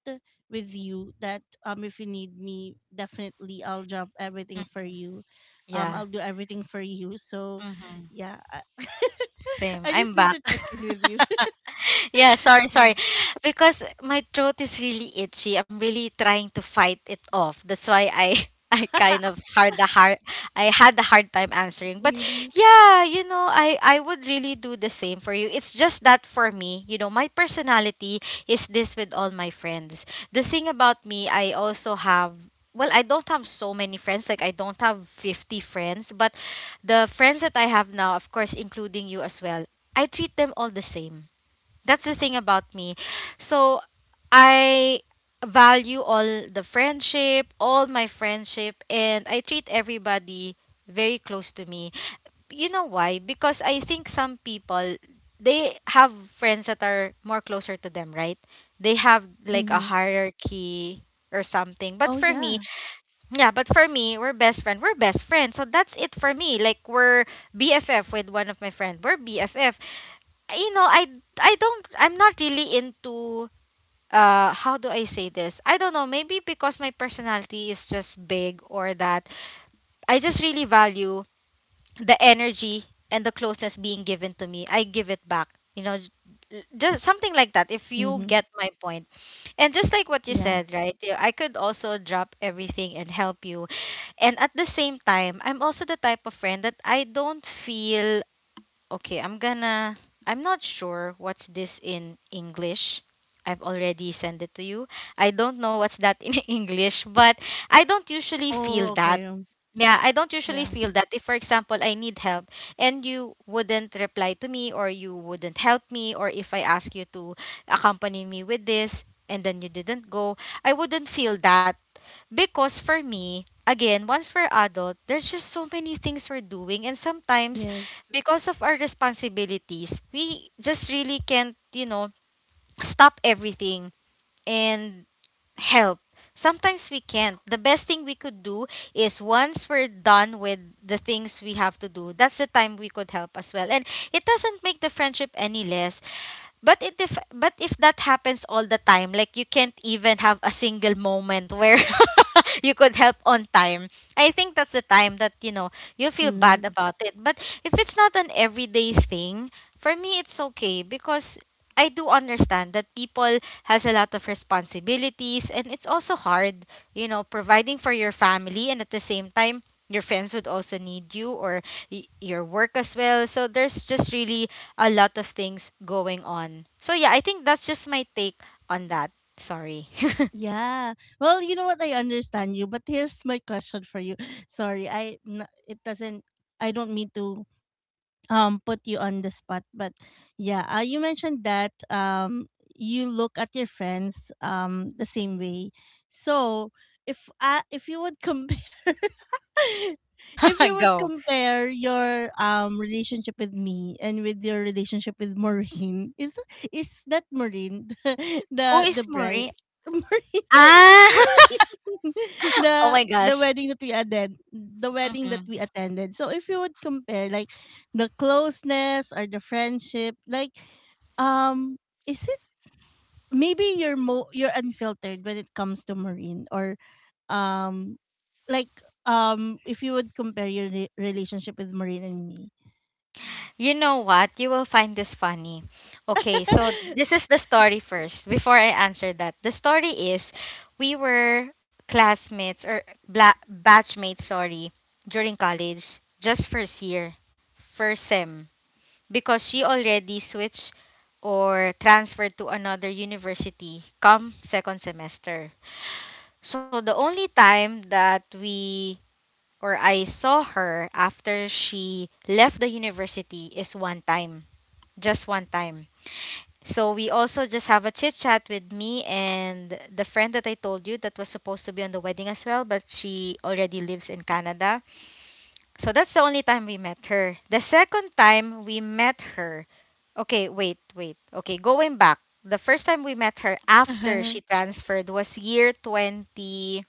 Speaker 1: with you that if you need me, definitely I'll drop everything for you,
Speaker 2: Yeah.
Speaker 1: I'll do everything for you. So, yeah, I,
Speaker 2: Same.
Speaker 1: I just
Speaker 2: I'm
Speaker 1: need
Speaker 2: back.
Speaker 1: to check in with you.
Speaker 2: Yeah, sorry,
Speaker 1: Yeah,
Speaker 2: sorry. Because my throat is really itchy. I'm really trying to fight it off. That's why I I had a hard time answering. But
Speaker 1: really.
Speaker 2: yeah, you know, I would really do the same for you. It's just that for me, you know, my personality is this with all my friends. The thing about me, I also have well, I don't have so many friends. Like I don't have 50 friends, but the friends that I have now, of course, including you as well, I treat them all the same. That's the thing about me. So I value all the friendship, all my friendship, and I treat everybody very close to me. You know why? Because I think some people, they have friends that are more closer to them, right? They have like a hierarchy or something. But
Speaker 1: Oh,
Speaker 2: for me,
Speaker 1: yeah.
Speaker 2: yeah, but for me, we're best friend. We're best friends. So that's it for me. Like we're BFF with one of my friend. We're BFF. You know, I don't I'm not really into, how do I say this? I don't know, maybe because my personality is just big, or that I just really value the energy and the closeness. Being given to me, I give it back. You know, just something like that, if you
Speaker 1: Mhm.
Speaker 2: get my point. And just like what you
Speaker 1: Yeah.
Speaker 2: said, right? Yeah, I could also drop everything and help you. And at the same time, I'm also the type of friend that I don't feel, okay, I'm not sure what's this in English. I've already sent it to you. I don't know what's that in English, but I don't usually feel
Speaker 1: Oh,
Speaker 2: that.
Speaker 1: okay.
Speaker 2: Yeah, I don't usually
Speaker 1: Yeah.
Speaker 2: feel that. If, for example, I need help and you wouldn't reply to me or you wouldn't help me, or if I ask you to accompany me with this and then you didn't go, I wouldn't feel that. Because for me, again, once we're adult, there's just so many things we're doing. And sometimes,
Speaker 1: Yes.
Speaker 2: because of our responsibilities, we just really can't, you know, stop everything. And help. Sometimes we can't. The best thing we could do is once we're done with the things we have to do, that's the time we could help as well. And it doesn't make the friendship any less. But if that happens all the time, like you can't even have a single moment where you could help on time. I think that's the time that you know you feel bad
Speaker 1: Mhm.
Speaker 2: about it. But if it's not an everyday thing, for me it's okay, because I do understand that people has a lot of responsibilities, and it's also hard, you know, providing for your family, and at the same time your friends would also need you, or your work as well. So there's just really a lot of things going on. So yeah, I think that's just my take on that. Sorry.
Speaker 1: Yeah. Well, you know what? I understand you, but here's my question for you. Sorry, I n- it doesn't. I don't mean to put you on the spot, but yeah, you mentioned that you look at your friends the same way. So if, if you would compare if you would
Speaker 2: Go.
Speaker 1: compare your relationship with me and with your relationship with Maureen, is that Maureen,
Speaker 2: Who
Speaker 1: the
Speaker 2: is
Speaker 1: bride,
Speaker 2: Maureen?
Speaker 1: Maureen,
Speaker 2: Ah!
Speaker 1: Maureen, the
Speaker 2: Oh my
Speaker 1: the
Speaker 2: gosh.
Speaker 1: wedding that we attended, the wedding that
Speaker 2: Mhm.
Speaker 1: we attended, so if you would compare like the closeness or the friendship, like um is it, maybe you're unfiltered when it comes to Marine, or um like if you would compare your relationship with Marine and me.
Speaker 2: You know what? You will find this funny. Okay, so this is the story first before I answer that. The story is we were classmates or batchmates, sorry, during college, just first year, first sem. Because she already switched or transferred to another university come second semester. So the only time that we or I saw her after she left the university is one time, just one time. So we also just have a chit chat with me and the friend that I told you that was supposed to be on the wedding as well, but she already lives in Canada. So that's the only time we met her. The second time we met her, okay, wait, wait. Okay, going back, the first time we met her after
Speaker 1: Uh-huh.
Speaker 2: she transferred was year 20.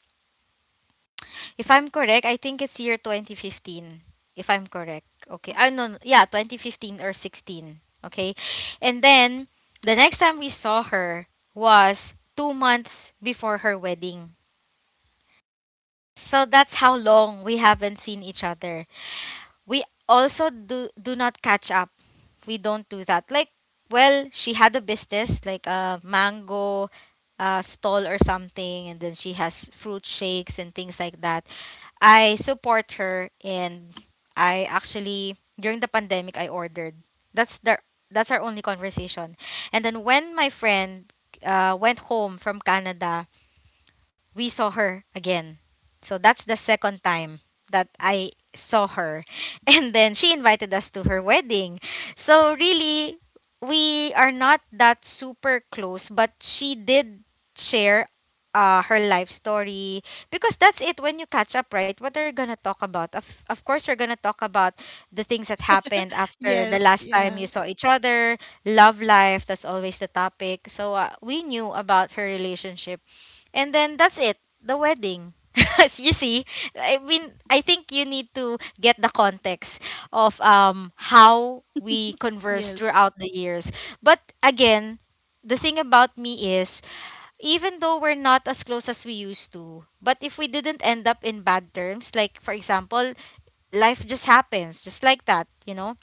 Speaker 2: If I'm correct, I think it's year 2015. If I'm correct. Okay. I No, no, yeah, 2015 or 16. Okay. And then the next time we saw her was 2 months before her wedding. So that's how long we haven't seen each other. We also do not catch up. We don't do that. Like, well, she had a business, like a mango stall or something, and then she has fruit shakes and things like that. I support her. And I actually, during the pandemic, I ordered. that's the that's our only conversation. And then when my friend went home from Canada, we saw her again. So that's the second time that I saw her. And then she invited us to her wedding. So really, we are not that super close, but she did share, her life story, because that's it when you catch up, right? What are you going to talk about? Of course, we're going to talk about the things that happened after the
Speaker 1: Yes,
Speaker 2: last time
Speaker 1: yeah.
Speaker 2: you saw each other, love life, that's always the topic. So we knew about her relationship, and then that's it, the wedding. You see, I mean, I think you need to get the context of how we converse
Speaker 1: Yes.
Speaker 2: throughout the years. But again, the thing about me is, even though we're not as close as we used to, but if we didn't end up in bad terms, like for example, life just happens just like that, you know?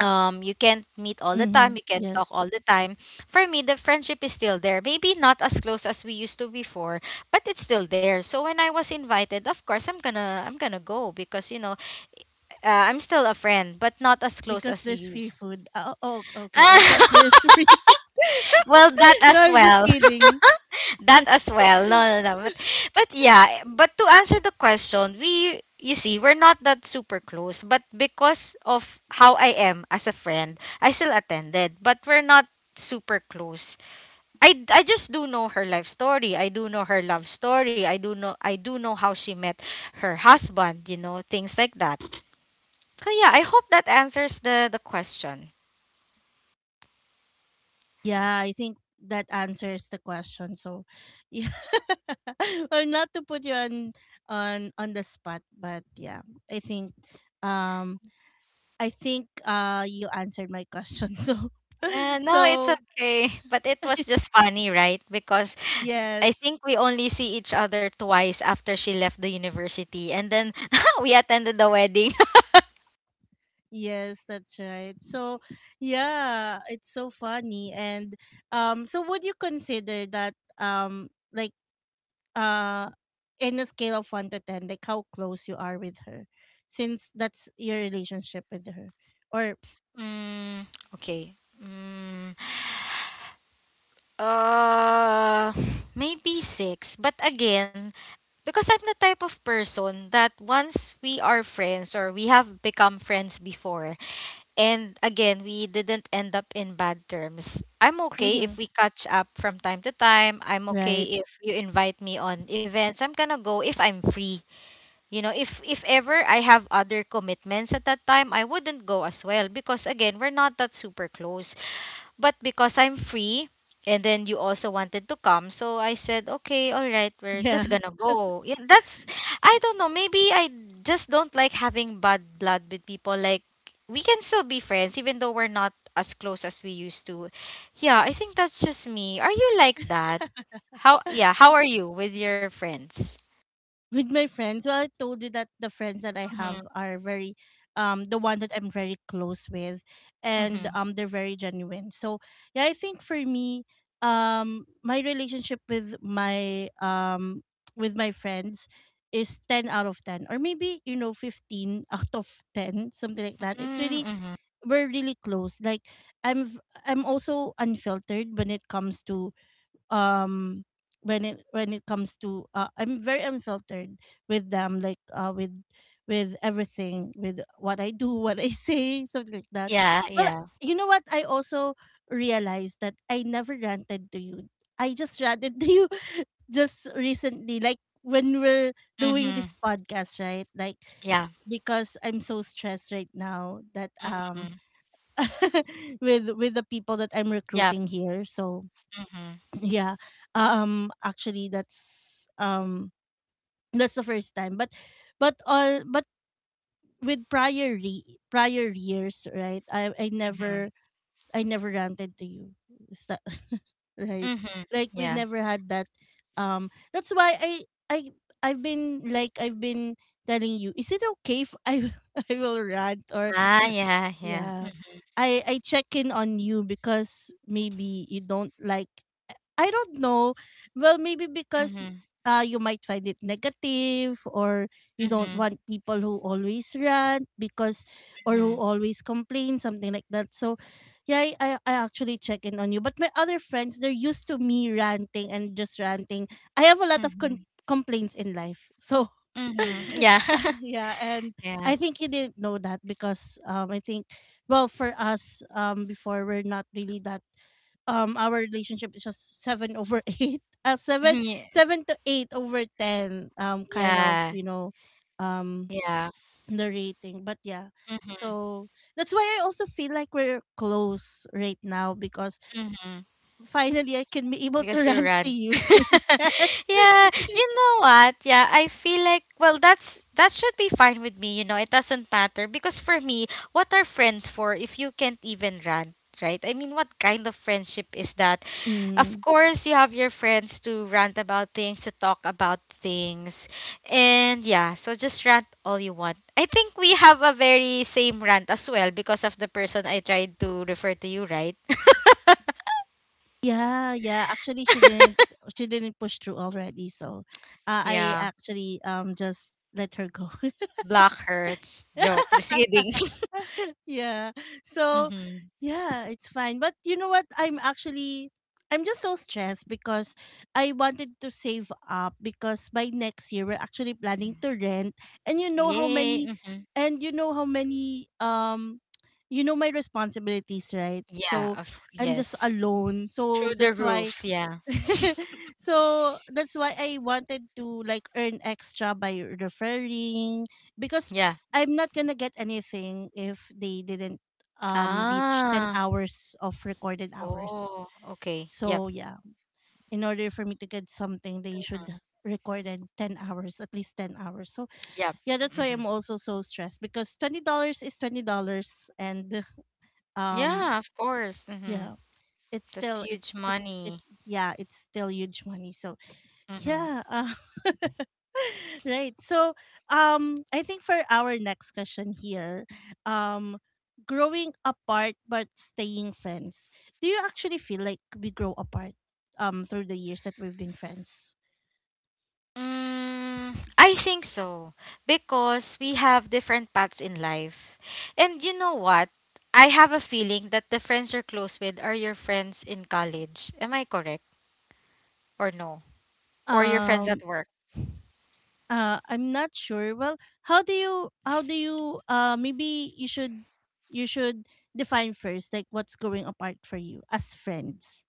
Speaker 2: You can't meet all the
Speaker 1: Mm-hmm.
Speaker 2: time, you can't talk
Speaker 1: Yes,
Speaker 2: all the time. For me the friendship is still there, maybe not as close as we used to before, but it's still there. So when I was invited, of course, I'm gonna go because you know, I'm still a friend but not as close
Speaker 1: because
Speaker 2: as we
Speaker 1: there's free
Speaker 2: used.
Speaker 1: food. Oh, oh okay, I thought there's free food.
Speaker 2: Well, that
Speaker 1: No,
Speaker 2: as
Speaker 1: I'm just
Speaker 2: well.
Speaker 1: kidding.
Speaker 2: That as well. No, no, no. But yeah, but to answer the question, we, you see, we're not that super close. But because of how I am as a friend, I still attended. But we're not super close. I just do know her life story. I do know her love story. I do know how she met her husband, you know, things like that. So yeah, I hope that answers the question.
Speaker 1: Yeah, I think that answers the question. So, yeah, well, not to put you on on the spot, but yeah, I think um I think you answered my question. So,
Speaker 2: Yeah, no, it's
Speaker 1: so
Speaker 2: okay. But it was just funny, right? Because I
Speaker 1: yes.
Speaker 2: think we only see each other twice after she left the university, and then we attended the wedding.
Speaker 1: Yes, that's right. So, yeah, it's so funny. And so would you consider that uh in a scale of 1 to 10, like how close you are with her, since that's your relationship with her, or
Speaker 2: Mm, okay. Mm, uh, maybe six. But again, because I'm the type of person that once we are friends or we have become friends before, and again, we didn't end up in bad terms, I'm okay if
Speaker 1: mhm,
Speaker 2: we catch up from time to time. I'm
Speaker 1: right,
Speaker 2: okay if you invite me on events. I'm gonna go if I'm free. You know, if ever I have other commitments at that time, I wouldn't go as well because again, we're not that super close. But because I'm free and then you also wanted to come, so I said, "Okay, all right, we're
Speaker 1: yeah.
Speaker 2: just gonna go." Yeah, that's I don't know, maybe I just don't like having bad blood with people like we can still be friends even though we're not as close as we used to. Yeah, I think that's just me. Are you like that? How Yeah, how are you with your friends?
Speaker 1: With my friends, well, I told you that the friends that I
Speaker 2: Mhm.
Speaker 1: have are very, the one that I'm very close with, and
Speaker 2: Mhm.
Speaker 1: they're very genuine. So yeah, I think for me, my relationship with my friends is 10 out of 10, or maybe, you know, 15 out of 10, something like that. It's
Speaker 2: Mm,
Speaker 1: really,
Speaker 2: mhm.
Speaker 1: we're really close. Like I'm v- I'm also unfiltered when it comes to um when it comes to I'm very unfiltered with them like with everything with what I do, what I say, something like that.
Speaker 2: Yeah,
Speaker 1: Well,
Speaker 2: yeah.
Speaker 1: you know what? I also realized that I never ranted to you. I just ranted to you just recently like when we're
Speaker 2: Mhm.
Speaker 1: doing this podcast, right? Like
Speaker 2: Yeah.
Speaker 1: because I'm so stressed right now that
Speaker 2: Mhm.
Speaker 1: with the people that I'm
Speaker 2: Yeah.
Speaker 1: recruiting here. So
Speaker 2: Mhm.
Speaker 1: yeah, actually that's that's the first time. But all but with prior years, right? I
Speaker 2: Mhm.
Speaker 1: never I never ranted to you. Is that right?
Speaker 2: Mhm.
Speaker 1: Like we
Speaker 2: Yeah.
Speaker 1: never had that. That's why I I've been like I've been telling you. Is it okay if I I will rant or
Speaker 2: Ah, yeah, yeah.
Speaker 1: yeah? I check in on you because maybe you don't like I don't know. Well, maybe because
Speaker 2: Mhm.
Speaker 1: you might find it negative or you don't
Speaker 2: Mhm.
Speaker 1: want people who always rant because or who
Speaker 2: Mhm.
Speaker 1: always complain, something like that. So, yeah, I I actually check in on you. But my other friends, they're used to me ranting and just ranting. I have a lot of
Speaker 2: Mhm.
Speaker 1: complaints in life. So,
Speaker 2: Mhm. Yeah.
Speaker 1: yeah, and
Speaker 2: Yeah.
Speaker 1: I think you didn't know that because I think, well, for us before, we're not really that our relationship is just seven over eight seven
Speaker 2: Yeah.
Speaker 1: seven to eight over ten kind of
Speaker 2: Yeah.
Speaker 1: you know um
Speaker 2: Yeah.
Speaker 1: the rating but yeah
Speaker 2: Mhm.
Speaker 1: so that's why I also feel like we're close right now because
Speaker 2: Mhm.
Speaker 1: finally I can be able to
Speaker 2: Because you
Speaker 1: run to
Speaker 2: ran.
Speaker 1: you. Yes.
Speaker 2: Yeah, you know what? Yeah, I feel like well that's that should be fine with me, you know. It doesn't matter because for me, what are friends for if you can't even run? Right? I mean, what kind of friendship is that? Of
Speaker 1: Mm.
Speaker 2: course, you have your friends to rant about things, to talk about things. And yeah, so just rant all you want. I think we have a very same rant as well because of the person I tried to refer to you, right?
Speaker 1: Yeah, yeah. Actually, she didn't push through already, so I
Speaker 2: Yeah.
Speaker 1: actually just let her go.
Speaker 2: Black hurts. Joke. Just kidding.
Speaker 1: Yeah. So,
Speaker 2: Hmm.
Speaker 1: yeah, it's fine. But you know what? I'm just so stressed because I wanted to save up because by next year we're actually planning to rent and you know how
Speaker 2: Yay.
Speaker 1: many
Speaker 2: Hmm.
Speaker 1: and you know how many you know my responsibilities, right?
Speaker 2: Yeah.
Speaker 1: So,
Speaker 2: Of
Speaker 1: I'm just
Speaker 2: yes.
Speaker 1: alone. So,
Speaker 2: Through the
Speaker 1: that's why
Speaker 2: roof. Yeah.
Speaker 1: so that's why I wanted to like earn extra by referring because
Speaker 2: Yeah.
Speaker 1: I'm not gonna get anything if they didn't reach 10
Speaker 2: Ah.
Speaker 1: hours of recorded hours.
Speaker 2: Oh. Okay. Yep.
Speaker 1: So yeah, in order for me to get something they should record in 10 hours, at least 10 hours. So
Speaker 2: Yep.
Speaker 1: yeah, that's why
Speaker 2: Hmm.
Speaker 1: I'm also so stressed because $20 is $20 and um
Speaker 2: Yeah. Of course. Hmm.
Speaker 1: yeah,
Speaker 2: That's huge money.
Speaker 1: it's yeah, it's still huge money. So
Speaker 2: Hmm.
Speaker 1: yeah. Right. So, I think for our next question here, um, growing apart but staying friends. Do you actually feel like we grow apart, through the years that we've been friends?
Speaker 2: Mm, I think so because we have different paths in life, and you know what? I have a feeling that the friends you're close with are your friends in college. Am I correct or no? Or your friends at
Speaker 1: Um,
Speaker 2: work.
Speaker 1: I'm not sure. Well, how do you maybe you should define first like what's growing apart for you as friends.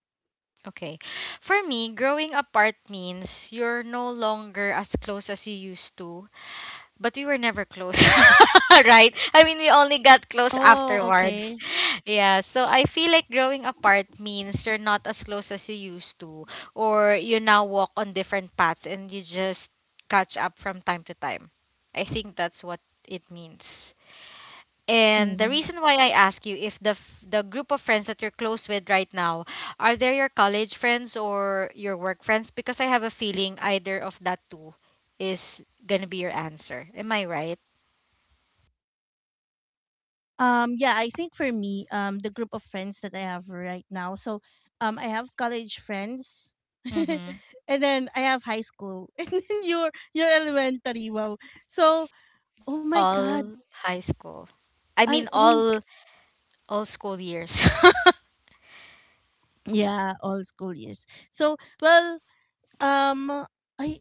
Speaker 2: Okay. For me, growing apart means you're no longer as close as you used to, but we were never close, right? I mean, we only got close
Speaker 1: Oh,
Speaker 2: afterwards.
Speaker 1: okay.
Speaker 2: Yeah, so I feel like growing apart means you're not as close as you used to, or you now walk on different paths and you just catch up from time to time. I think that's what it means. And the
Speaker 1: Mhm.
Speaker 2: reason why I ask you if the group of friends that you're close with right now are they your college friends or your work friends because I have a feeling either of that two is going to be your answer. Am I right?
Speaker 1: Yeah, I think for me, the group of friends that I have right now. So, I have college friends,
Speaker 2: Mhm.
Speaker 1: and then I have high school, and then your elementary. Wow. So, oh my God,
Speaker 2: All high school. I
Speaker 1: I
Speaker 2: mean
Speaker 1: own
Speaker 2: all school years.
Speaker 1: yeah all school years. So, well, um, I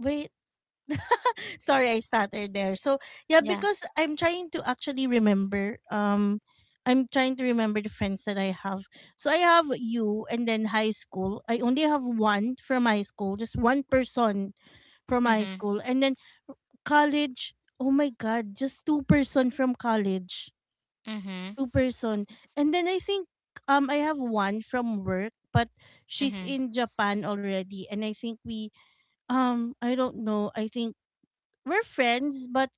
Speaker 1: wait. Sorry, I stuttered there. So yeah,
Speaker 2: Yeah.
Speaker 1: because I'm trying to actually remember. I'm trying to remember the friends that I have. So I have you, and then high school. I only have one from high school, just one person from high
Speaker 2: Mhm.
Speaker 1: school, and then college. Oh my god, just two-person from college,
Speaker 2: Mhm.
Speaker 1: two person, and then I think I have one from work, but she's
Speaker 2: Mhm.
Speaker 1: in Japan already, and I think we I don't know. I think we're friends, but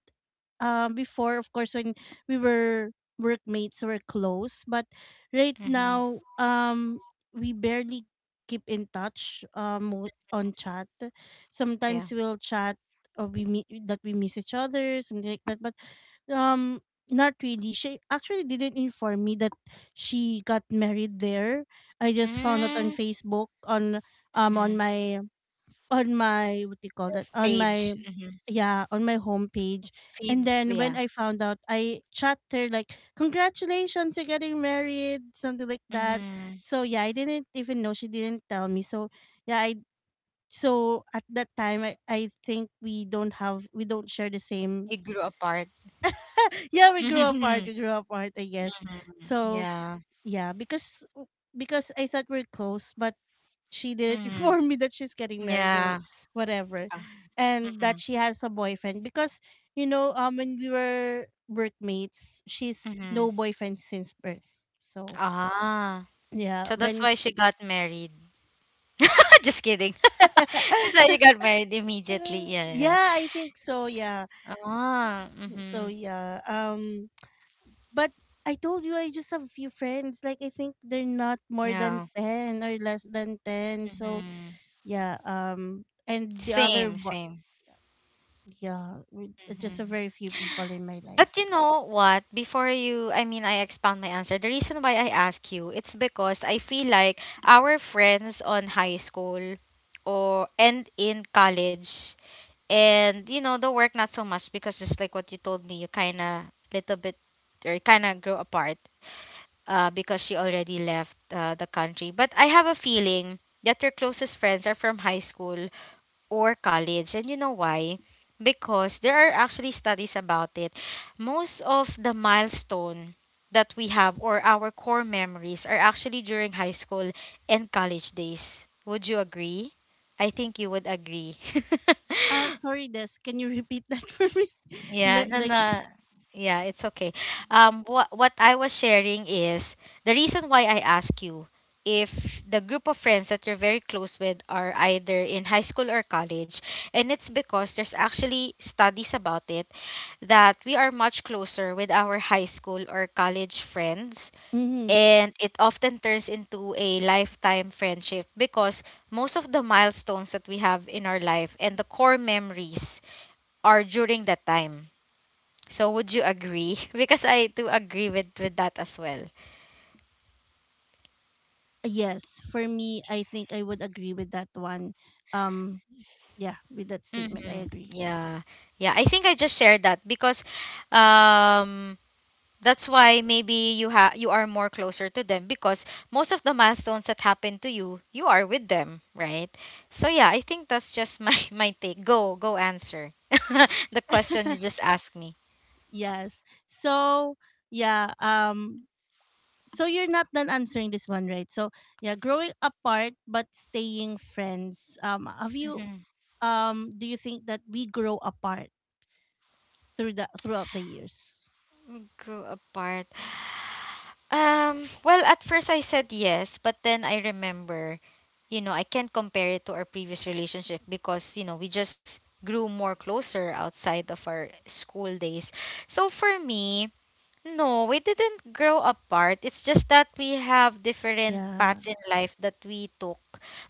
Speaker 1: before of course when we were workmates we're close but right
Speaker 2: Mhm.
Speaker 1: now we barely keep in touch on chat,
Speaker 2: Yeah.
Speaker 1: sometimes we'll chat or we meet that we miss each other something like that but um not really. She actually didn't inform me that she got married there. I just found out on
Speaker 2: Mm.
Speaker 1: Facebook um on
Speaker 2: Mhm.
Speaker 1: my on my what do you call that on my
Speaker 2: Page. Mhm.
Speaker 1: yeah on my homepage. And
Speaker 2: Feed.
Speaker 1: then when
Speaker 2: Yeah.
Speaker 1: I found out I chat her like congratulations, you're getting married, something like that.
Speaker 2: Mhm.
Speaker 1: So yeah, I didn't even know, she didn't tell me. So yeah, I so at that time I think we don't share the same.
Speaker 2: You grew apart.
Speaker 1: Yeah, we grew apart I guess.
Speaker 2: Mhm.
Speaker 1: So
Speaker 2: Yeah.
Speaker 1: yeah, because I thought we're close but she didn't
Speaker 2: Mhm.
Speaker 1: inform me that she's getting married or
Speaker 2: Yeah.
Speaker 1: whatever
Speaker 2: Uh,
Speaker 1: and that
Speaker 2: mhm.
Speaker 1: she has a boyfriend because you know when we were workmates she's no
Speaker 2: Mhm.
Speaker 1: boyfriend since birth. So
Speaker 2: Ah.
Speaker 1: yeah
Speaker 2: So that's
Speaker 1: when
Speaker 2: why she got married. Just kidding. That's why she got married immediately. Yeah. Yeah.
Speaker 1: yeah I think so yeah.
Speaker 2: Ah.
Speaker 1: So
Speaker 2: Mhm.
Speaker 1: yeah, but I told you I just have few friends like I think they're not more than
Speaker 2: Yeah.
Speaker 1: 10 or less than 10. So
Speaker 2: Mhm.
Speaker 1: yeah, and the other.
Speaker 2: Same. Same.
Speaker 1: Yeah, with just a
Speaker 2: Mhm.
Speaker 1: very few people in my
Speaker 2: But
Speaker 1: life.
Speaker 2: you know what? Before you, I mean, I expound my answer. The reason why I ask you, it's because I feel like our friends on high school or and in college and you know the work not so much because just like what you told me you kind of little bit or kind of grow apart, because she already left, the country but I have a feeling that your closest friends are from high school or college and you know why, because there are actually studies about it, most of the milestone that we have or our core memories are actually during high school and college days. Would you agree? I think you would agree.
Speaker 1: Sorry, Des, can you repeat that for me?
Speaker 2: Yeah, no,
Speaker 1: Like,
Speaker 2: no. Yeah, it's okay. What I was sharing is the reason why I ask you if the group of friends that you're very close with are either in high school or college, and it's because there's actually studies about it that we are much closer with our high school or college friends,
Speaker 1: mm-hmm.
Speaker 2: and it often turns into a lifetime friendship because most of the milestones that we have in our life and the core memories are during that time. So would you agree? Because I do agree with that as well.
Speaker 1: Yes, for me, I think I would agree with that one. Um, yeah, with that statement, I
Speaker 2: Mm-hmm.
Speaker 1: agree.
Speaker 2: Yeah. Yeah, I think I just shared that because um that's why maybe you are more closer to them because most of the milestones that happen to you, you are with them, right? So yeah, I think that's just my my take. Go, go answer the question you just asked me.
Speaker 1: Yes. So, yeah, so you're not done answering this one, right? So, yeah, growing apart but staying friends.
Speaker 2: Mm-hmm.
Speaker 1: Do you think that we grow apart throughout the years?
Speaker 2: Grew apart. Well, at first I said yes, but then I remember, you know, I can't compare it to our previous relationship because, you know, we just grew more closer outside of our school days. So for me, no, we didn't grow apart. It's just that we have different
Speaker 1: Yeah,
Speaker 2: paths in life that we took.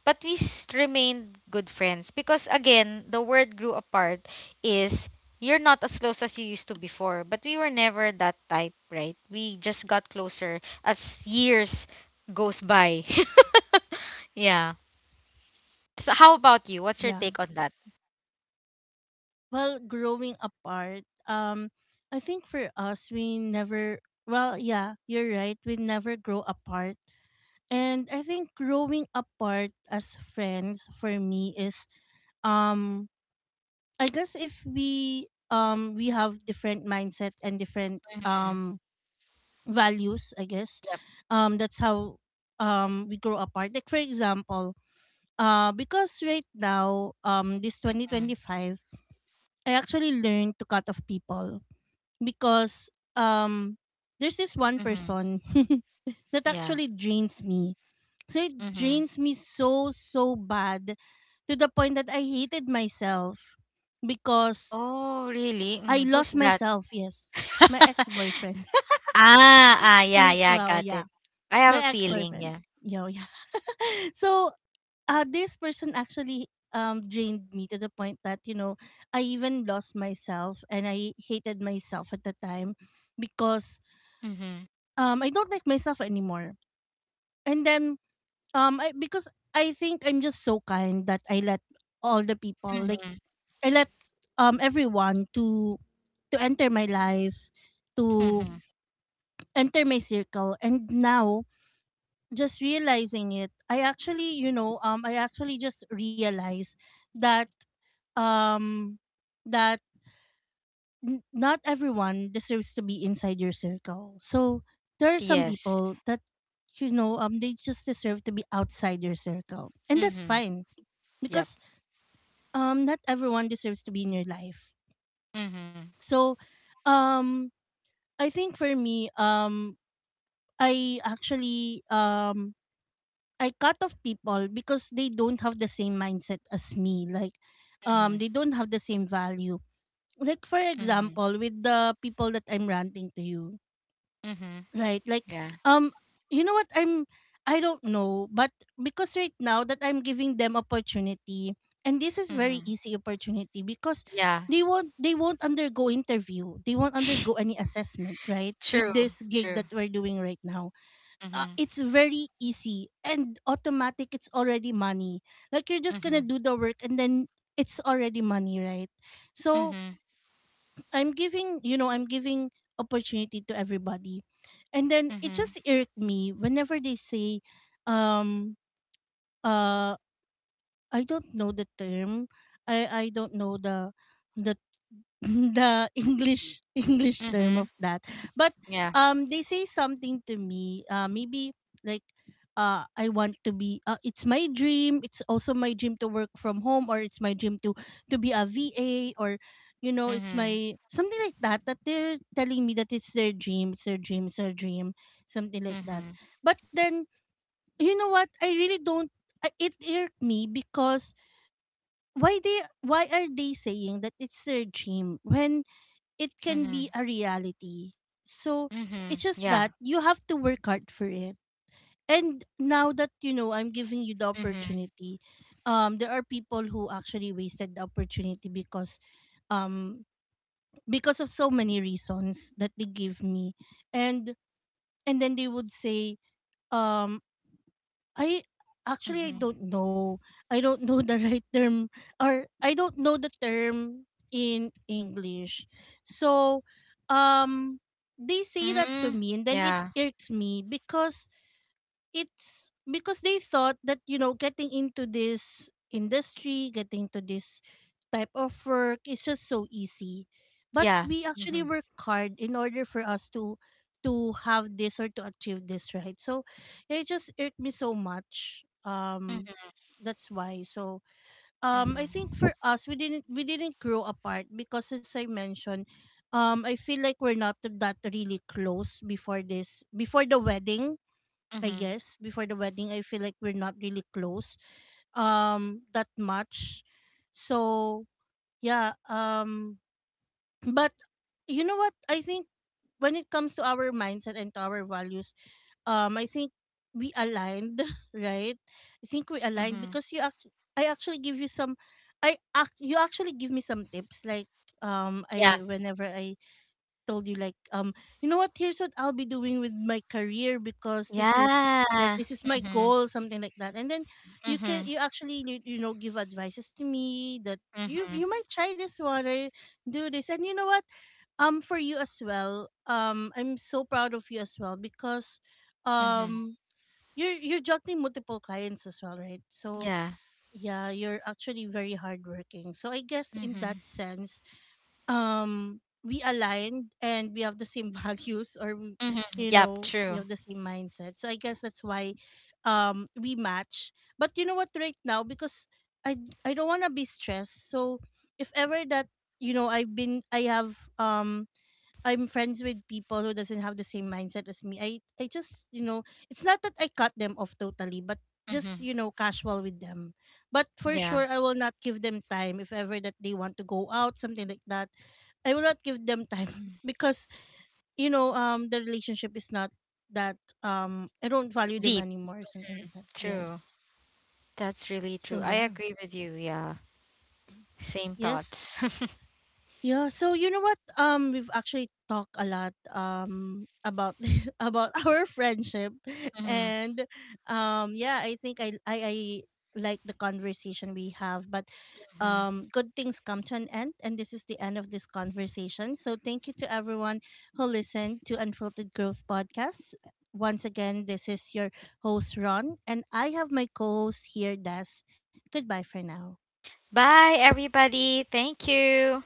Speaker 2: But remained good friends because again, the word grew apart is you're not as close as you used to before, but we were never that type, right? We just got closer as years goes by. Yeah. So how about you? What's your
Speaker 1: yeah.
Speaker 2: take on that?
Speaker 1: Well, growing apart, I think for us, we never, well, yeah, you're right. We never grow apart. And I think growing apart as friends for me is, um, I guess if we have different mindset and different,
Speaker 2: Mm,
Speaker 1: values, I guess,
Speaker 2: yep.
Speaker 1: that's how, we grow apart. Like, for example, because right now, this
Speaker 2: Mm,
Speaker 1: 2025, I actually learned to cut off people because um there's this one
Speaker 2: mhm.
Speaker 1: person that
Speaker 2: Yeah.
Speaker 1: actually drains me. So it
Speaker 2: Mhm.
Speaker 1: drains me so so bad to the point that I hated myself because
Speaker 2: Oh, really?
Speaker 1: I
Speaker 2: Mm, who's
Speaker 1: lost
Speaker 2: that?
Speaker 1: myself, yes. My ex-boyfriend.
Speaker 2: Ah, ah, yeah,
Speaker 1: Mm,
Speaker 2: yeah,
Speaker 1: well,
Speaker 2: got
Speaker 1: yeah.
Speaker 2: it. I have
Speaker 1: My
Speaker 2: a feeling,
Speaker 1: ex-boyfriend.
Speaker 2: yeah.
Speaker 1: Yo, yeah. So, this person actually drained me to the point that, you know, I even lost myself and I hated myself at the time because
Speaker 2: Mm-hmm.
Speaker 1: I don't like myself anymore. And then I because I think I'm just so kind that I let all the people like
Speaker 2: Mm-hmm.
Speaker 1: I let everyone to enter my life, to
Speaker 2: Mm-hmm.
Speaker 1: enter my circle and now just realizing it, I actually, you know, I actually just realized that um that not everyone deserves to be inside your circle. So there are some
Speaker 2: Yes.
Speaker 1: people that you know they just deserve to be outside your circle. And that's
Speaker 2: Mm-hmm.
Speaker 1: fine
Speaker 2: Yep.
Speaker 1: because not everyone deserves to be in your life.
Speaker 2: Mm-hmm.
Speaker 1: So um I think for me I actually I cut off people because they don't have the same mindset as me. Like
Speaker 2: Mm-hmm.
Speaker 1: they don't have the same value. Like for
Speaker 2: Mm-hmm.
Speaker 1: example with the people that I'm ranting to you.
Speaker 2: Mm-hmm.
Speaker 1: Right. Like,
Speaker 2: Yeah.
Speaker 1: um, you know what? I don't know, but because right now that I'm giving them opportunity, and this is very
Speaker 2: Mm-hmm.
Speaker 1: easy opportunity because
Speaker 2: Yeah.
Speaker 1: they won't undergo interview. They won't undergo any assessment, right?
Speaker 2: True.
Speaker 1: With this gig
Speaker 2: True.
Speaker 1: that we're doing right now,
Speaker 2: Mm-hmm.
Speaker 1: it's very easy and automatic. It's already money. Like you're just
Speaker 2: Mm-hmm.
Speaker 1: gonna do the work and then it's already money, right? So
Speaker 2: Mm-hmm.
Speaker 1: I'm giving, you know, I'm giving opportunity to everybody. And then it
Speaker 2: Mm-hmm.
Speaker 1: just irked me whenever they say, um, uh, I don't know the term. I don't know the the English term
Speaker 2: Mm-hmm.
Speaker 1: of that. But
Speaker 2: Yeah.
Speaker 1: they say something to me. Maybe like I want to be it's my dream. It's also my dream to work from home or it's my dream to be a VA or you know, it's
Speaker 2: Mm-hmm.
Speaker 1: my something like that that they're telling me that it's their dream, it's their dream, it's their dream, something like that.
Speaker 2: Mm-hmm.
Speaker 1: But then you know what? I really don't it irked me because why are they saying that it's their dream when it can be
Speaker 2: Mm-hmm.
Speaker 1: a reality so
Speaker 2: Mm-hmm.
Speaker 1: it's just
Speaker 2: Yeah.
Speaker 1: that you have to work hard for it and now that you know I'm giving you the
Speaker 2: Mm-hmm.
Speaker 1: opportunity, there are people who actually wasted the opportunity um because of so many reasons that they give me and and then they would say um I actually I
Speaker 2: Mm-hmm.
Speaker 1: don't know. I don't know the right term or I don't know the term in English. So um they say that
Speaker 2: Mm-hmm.
Speaker 1: to me and then it
Speaker 2: Yeah.
Speaker 1: irks me because it's because they thought that you know getting into this industry, getting into this type of work is just so easy but
Speaker 2: Yeah.
Speaker 1: we
Speaker 2: Mm-hmm.
Speaker 1: actually work hard in order for us to have this or to achieve this right. So yeah, it just irked me so much
Speaker 2: Mm-hmm.
Speaker 1: that's why so I think
Speaker 2: Mm-hmm.
Speaker 1: for us we didn't grow apart because as I mentioned I feel like we're not that really close before this before the wedding. I
Speaker 2: Mm-hmm.
Speaker 1: guess before the wedding I feel like we're not really close that much. So yeah, but you know what I think when it comes to our mindset and to our values, I think we aligned, right? I think we aligned
Speaker 2: Mm-hmm.
Speaker 1: because I actually give you some I act you actually give me some tips like
Speaker 2: Yeah.
Speaker 1: I whenever I told you like you know what here's what I'll be doing with my career because
Speaker 2: Yeah.
Speaker 1: this is my
Speaker 2: Mhm.
Speaker 1: goal something like that and then you can
Speaker 2: Mhm.
Speaker 1: you know give advices to me that
Speaker 2: Mhm.
Speaker 1: you might try this one or do this. And you know what for you as well I'm so proud of you as well because
Speaker 2: Mhm.
Speaker 1: um you're juggling multiple clients as well right. So
Speaker 2: Yeah.
Speaker 1: yeah you're actually very hardworking so I guess in
Speaker 2: Mhm.
Speaker 1: that sense um we aligned and we have the same values
Speaker 2: Mhm.
Speaker 1: you
Speaker 2: Yep.
Speaker 1: know we
Speaker 2: True.
Speaker 1: have the same mindset so I guess that's why we match. But you know what right now because i I don't want to be stressed so if ever that you know I'm friends with people who doesn't have the same mindset as me. I just you know it's not that I cut them off totally, but just
Speaker 2: Mhm.
Speaker 1: you know casual with them. But for
Speaker 2: Yeah.
Speaker 1: sure, I will not give them time if ever that they want to go out something like that. I will not give them time
Speaker 2: Mhm.
Speaker 1: because you know the relationship is not that I don't value them
Speaker 2: Deep.
Speaker 1: anymore something like that.
Speaker 2: True.
Speaker 1: Yes.
Speaker 2: That's really
Speaker 1: So
Speaker 2: true. I
Speaker 1: yeah.
Speaker 2: agree with you. Yeah. Same
Speaker 1: Yes.
Speaker 2: thoughts.
Speaker 1: Yeah, so you know what? We've actually talked a lot about this, about our friendship,
Speaker 2: Mhm.
Speaker 1: and yeah, I think I like the conversation we have, but
Speaker 2: Mhm.
Speaker 1: good things come to an end, and this is the end of this conversation. So thank you to everyone who listened to Unfiltered Growth Podcast. Once again, this is your host Ron, and I have my co-host here, Des. Goodbye for now.
Speaker 2: Bye, everybody. Thank you.